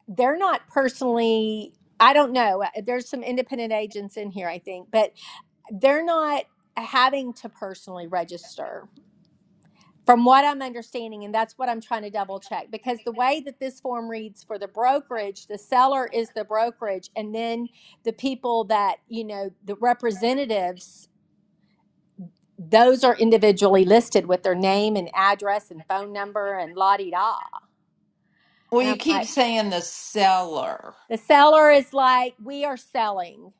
Speaker 9: they're not personally, I don't know, uh, there's some independent agents in here, I think, but they're not having to personally register from what I'm understanding. And that's what I'm trying to double check because the way that this form reads for the brokerage, the seller is the brokerage, and then the people that, you know, the representatives. Those are individually listed with their name and address and phone number and la di da.
Speaker 1: Well,
Speaker 9: And
Speaker 1: you
Speaker 9: I'm
Speaker 1: keep
Speaker 9: like,
Speaker 1: saying the seller.
Speaker 9: The seller is like, we are selling.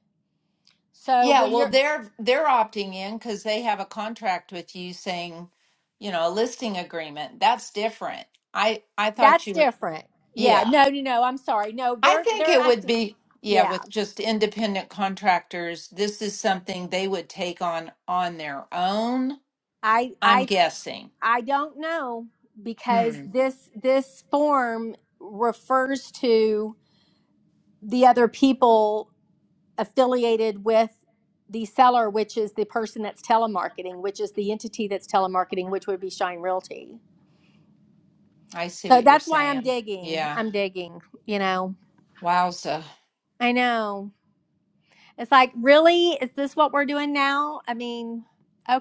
Speaker 9: So
Speaker 1: Yeah,
Speaker 9: when
Speaker 1: well
Speaker 9: you're,
Speaker 1: they're they're opting in cuz they have a contract with you saying, you know, a listing agreement. That's different. I I thought
Speaker 9: that's
Speaker 1: you were
Speaker 9: different.
Speaker 1: yeah.
Speaker 9: Yeah. No, no, no. I'm sorry. No,
Speaker 1: I
Speaker 9: they're,
Speaker 1: think
Speaker 9: they're
Speaker 1: it would
Speaker 9: acting.
Speaker 1: be, yeah,
Speaker 9: Yeah.
Speaker 1: with just independent contractors, this is something they would take on on their own,
Speaker 9: I,
Speaker 1: I'm
Speaker 9: I,
Speaker 1: guessing.
Speaker 9: I don't know because
Speaker 1: Hmm.
Speaker 9: this, this form refers to the other people affiliated with the seller, which is the person that's telemarketing, which is the entity that's telemarketing, which would be Shine Realty.
Speaker 1: I see
Speaker 9: So
Speaker 1: what you're
Speaker 9: that's why I'm
Speaker 1: saying.
Speaker 9: digging.
Speaker 1: Yeah.
Speaker 9: I'm digging, you know.
Speaker 1: Wowza.
Speaker 9: I know. It's like, really? Is this what we're doing now? I mean,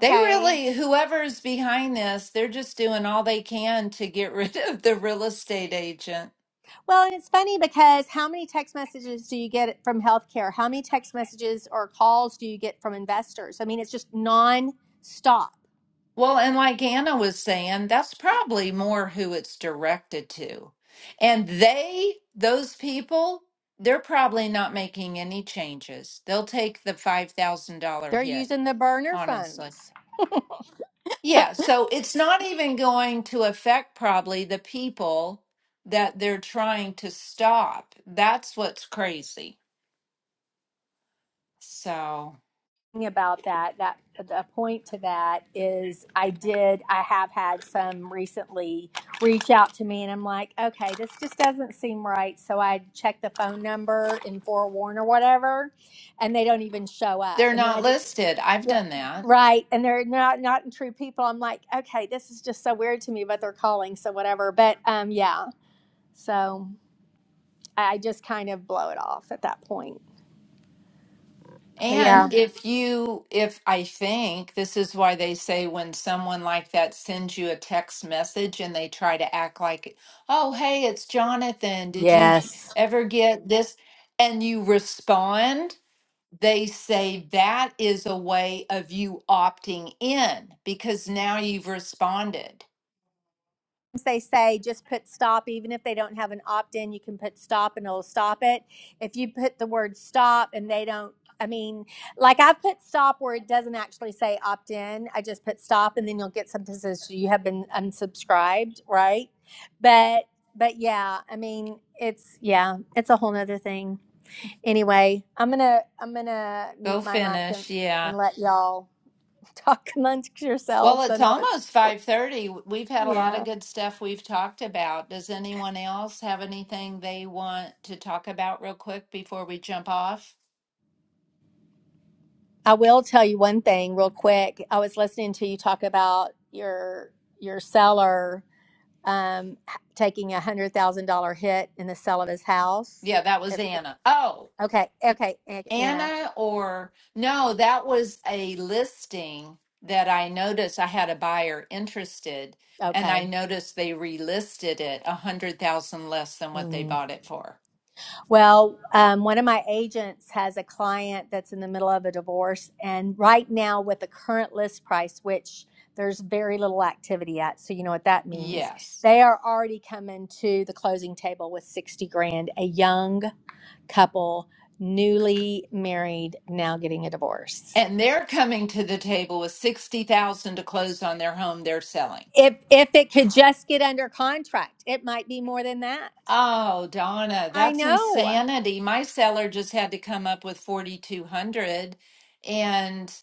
Speaker 1: They really, whoever's behind this, they're just doing all they can to get rid of the real estate agent.
Speaker 9: Well, and it's funny because how many text messages do you get from healthcare? How many text messages or calls do you get from investors? I mean, it's just nonstop.
Speaker 1: Well, and like Anna was saying, that's probably more who it's directed to. And they, those people, they're probably not making any changes. They'll take the $5,000
Speaker 9: They're
Speaker 1: hit,
Speaker 9: using the burner
Speaker 1: honestly.
Speaker 9: phones.
Speaker 1: Yeah, so it's not even going to affect probably the people that they're trying to stop. That's what's crazy. So
Speaker 9: about that that the point to that is i did i have had some recently reach out to me and i'm like okay this just doesn't seem right so i check the phone number and forewarn or whatever and they don't even show up
Speaker 1: they're
Speaker 9: and then i
Speaker 1: not
Speaker 9: just
Speaker 1: listed. I've
Speaker 9: yeah
Speaker 1: done that.
Speaker 9: right and they're not not true people i'm like okay this is just so weird to me but they're calling so whatever but um yeah so i I just kind of blow it off at that point but
Speaker 1: And
Speaker 9: yeah
Speaker 1: if you, if I think this is why they say when someone like that sends you a text message and they try to act like, oh, hey, it's Jonathan. Did you
Speaker 9: yes
Speaker 1: ever get this? And you respond, they say that is a way of you opting in because now you've responded.
Speaker 9: they say just put stop, even if they don't have an opt in, you can put stop and it'll stop it. If you put the word stop and they don't, I mean, like I've put stop where it doesn't actually say opt in. I just put stop and then you'll get something that says you have been unsubscribed, right? But, but yeah, I mean, it's, yeah, it's a whole nother thing. Anyway, I'm going to, I'm going to mute
Speaker 1: Go
Speaker 9: my mic and,
Speaker 1: finish. Yeah.
Speaker 9: and let y'all talk amongst
Speaker 1: Well,
Speaker 9: yourselves. I
Speaker 1: it's
Speaker 9: know it's,
Speaker 1: almost 5:30. We've had a lot of
Speaker 9: yeah.
Speaker 1: good stuff we've talked about. Does anyone else have anything they want to talk about real quick before we jump off?
Speaker 9: I will tell you one thing real quick. I was listening to you talk about your your seller um, h- taking a hundred thousand dollar hit in the sale of his house.
Speaker 1: Yeah, that was
Speaker 9: If- if-
Speaker 1: Anna. Oh,
Speaker 9: okay, okay, A- Anna.
Speaker 1: Anna or no, that was a listing that I noticed I had a buyer interested and
Speaker 9: Okay.
Speaker 1: I noticed they relisted it a 100,000 less than what they
Speaker 9: Mm.
Speaker 1: bought it for.
Speaker 9: Well, um, one of my agents has a client that's in the middle of a divorce, and right now with the current list price, which there's very little activity at, so you know what that means.
Speaker 1: Yes.
Speaker 9: They are already coming to the closing table with sixty grand. A young couple newly married now getting a divorce
Speaker 1: And they're coming to the table with 60,000 to close on their home they're selling.
Speaker 9: if if it could just get under contract it might be more than that
Speaker 1: Oh, Donna,
Speaker 9: i
Speaker 1: that's
Speaker 9: know
Speaker 1: insanity. My seller just had to come up with 4,200 and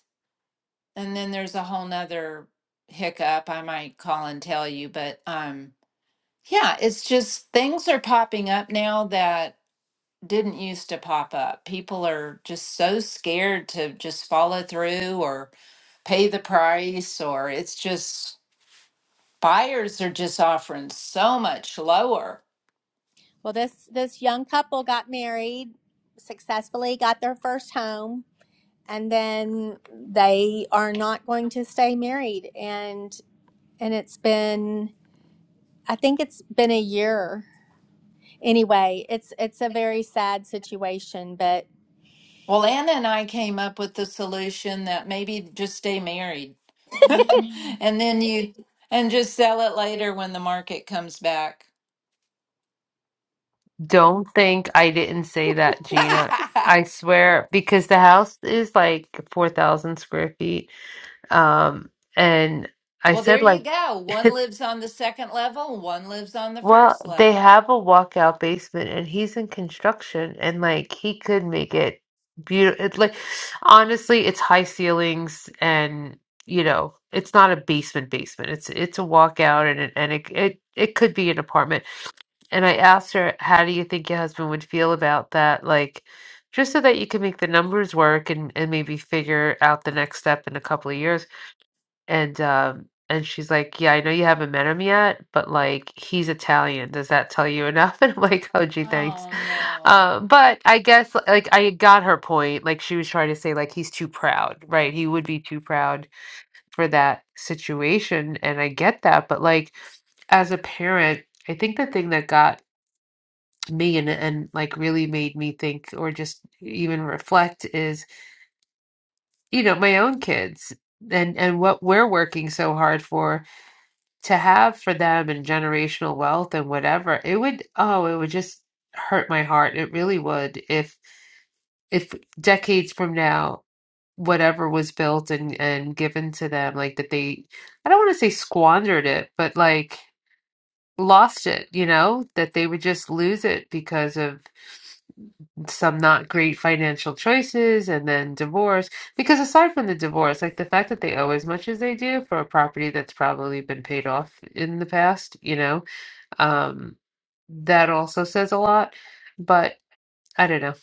Speaker 1: and then there's a whole nother hiccup I might call and tell you, but um yeah, it's just things are popping up now that didn't used to pop up. People are just so scared to just follow through or pay the price or it's just buyers are just offering so much lower.
Speaker 9: well this this young couple got married successfully got their first home and then they are not going to stay married and and it's been i think it's been a year anyway it's it's a very sad situation but
Speaker 1: Well, Anna and I came up with the solution that maybe just stay married and then you and just sell it later when the market comes back.
Speaker 5: Don't think I didn't say that, Gina. I swear, because the house is like 4,000 square feet. Um, and I
Speaker 1: well, there
Speaker 5: said like,
Speaker 1: you go. One lives on the second level, one lives on the
Speaker 5: well,
Speaker 1: first
Speaker 5: they
Speaker 1: level.
Speaker 5: have a walkout basement and he's in construction and like he could make it beautiful. It, like honestly, it's high ceilings and you know, it's not a basement basement. It's it's a walkout and it, and it it it could be an apartment and I asked her, how do you think your husband would feel about that? Like, just so that you can make the numbers work and, and maybe figure out the next step in a couple of years. And um and she's like, Yeah, I know you haven't met him yet, but like he's Italian. Does that tell you enough? And I'm like, Oh gee, thanks.
Speaker 1: Oh, no.
Speaker 5: Um, but I guess like I got her point. Like she was trying to say like he's too proud, right? He would be too proud for that situation, and I get that, but like as a parent, I think the thing that got me and and like really made me think or just even reflect is you know my own kids and and what we're working so hard for to have for them and generational wealth and whatever it would oh it would just hurt my heart it really would if if decades from now whatever was built and and given to them like that they I don't want to say squandered it but like lost it you know that they would just lose it because of some not great financial choices and then divorce. Because aside from the divorce, like the fact that they owe as much as they do for a property that's probably been paid off in the past, you know, um, that also says a lot. But I don't know.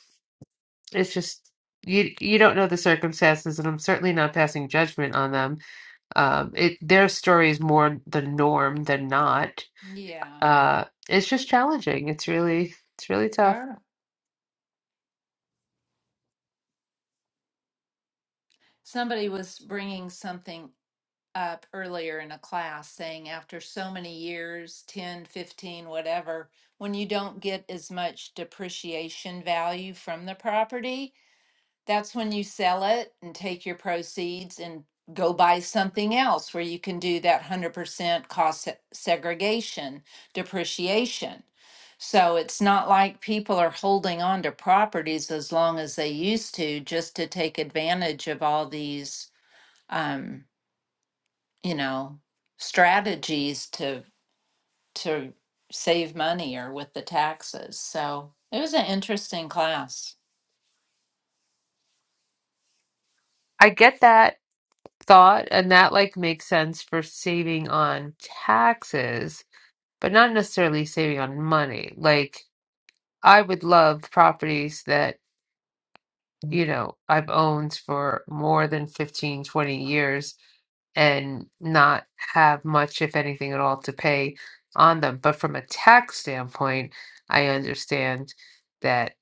Speaker 5: It's just you you don't know the circumstances, and I'm certainly not passing judgment on them. Um, it their story is more the norm than not.
Speaker 1: Yeah,
Speaker 5: Uh, it's just challenging. It's really it's really tough.
Speaker 1: sure. Somebody was bringing something up earlier in a class saying after so many years 10, 15, whatever when you don't get as much depreciation value from the property That's when you sell it and take your proceeds and go buy something else where you can do that 100% cost se- segregation, depreciation. So it's not like people are holding on to properties as long as they used to just to take advantage of all these, um, you know, strategies to to save money or with the taxes. So it was an interesting class.
Speaker 5: I get that thought, and that like makes sense for saving on taxes, but not necessarily saving on money. Like I would love properties that, you know, I've owned for more than 15, 20 years and not have much, if anything at all, to pay on them. But from a tax standpoint, I understand that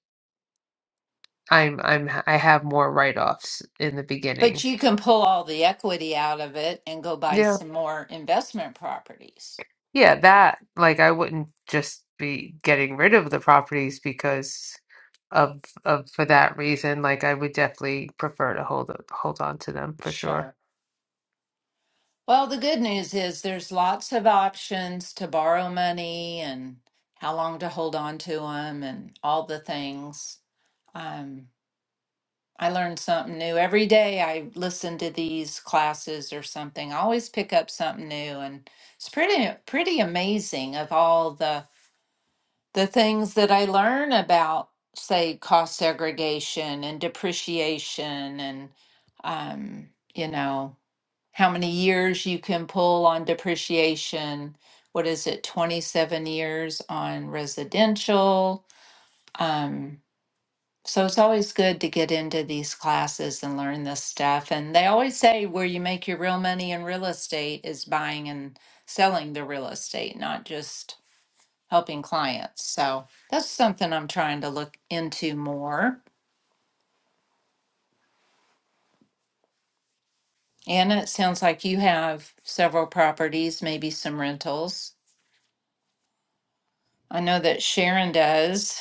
Speaker 5: I'm I'm I have more write-offs in the
Speaker 1: But
Speaker 5: beginning.
Speaker 1: you can pull all the equity out of it and go buy
Speaker 5: Yeah.
Speaker 1: some more investment properties.
Speaker 5: Yeah, that, like, I wouldn't just be getting rid of the properties because of of for that reason. Like, I would definitely prefer to hold hold on to them for sure.
Speaker 1: Sure. Well, the good news is there's lots of options to borrow money and how long to hold on to them and all the things. Um, I learned something new every day. I listen to these classes or something. I always pick up something new, and it's pretty pretty amazing of all the the things that I learn about, say, cost segregation and depreciation, and um, you know how many years you can pull on depreciation. What is it, 27 years on residential? Um, so it's always good to get into these classes and learn this stuff. And they always say where you make your real money in real estate is buying and selling the real estate, not just helping clients. So that's something I'm trying to look into more. Anna, it sounds like you have several properties, maybe some rentals. I know that Sharon does,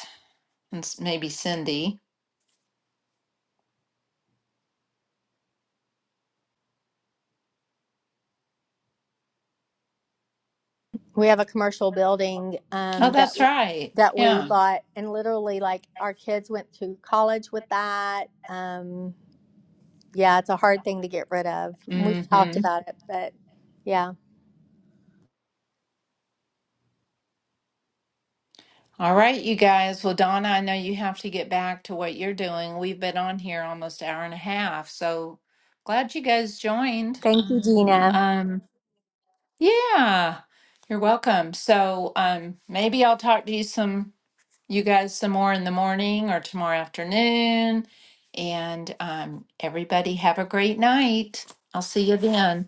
Speaker 1: and s- maybe Cindy.
Speaker 9: we have a commercial building um,
Speaker 1: Oh,
Speaker 9: that
Speaker 1: that's right.
Speaker 9: that we
Speaker 1: Yeah.
Speaker 9: bought and literally like our kids went to college with that um, yeah it's a hard thing to get rid of we've talked
Speaker 1: Mm-hmm.
Speaker 9: about it but yeah
Speaker 1: All right, you guys. Well, Donna, I know you have to get back to what you're doing. We've been on here almost hour and a half, so glad you guys joined.
Speaker 9: thank you gina
Speaker 1: Um, Yeah, you're welcome. So um, maybe I'll talk to you some, you guys some more in the morning or tomorrow afternoon. And um, everybody have a great night. I'll see you then.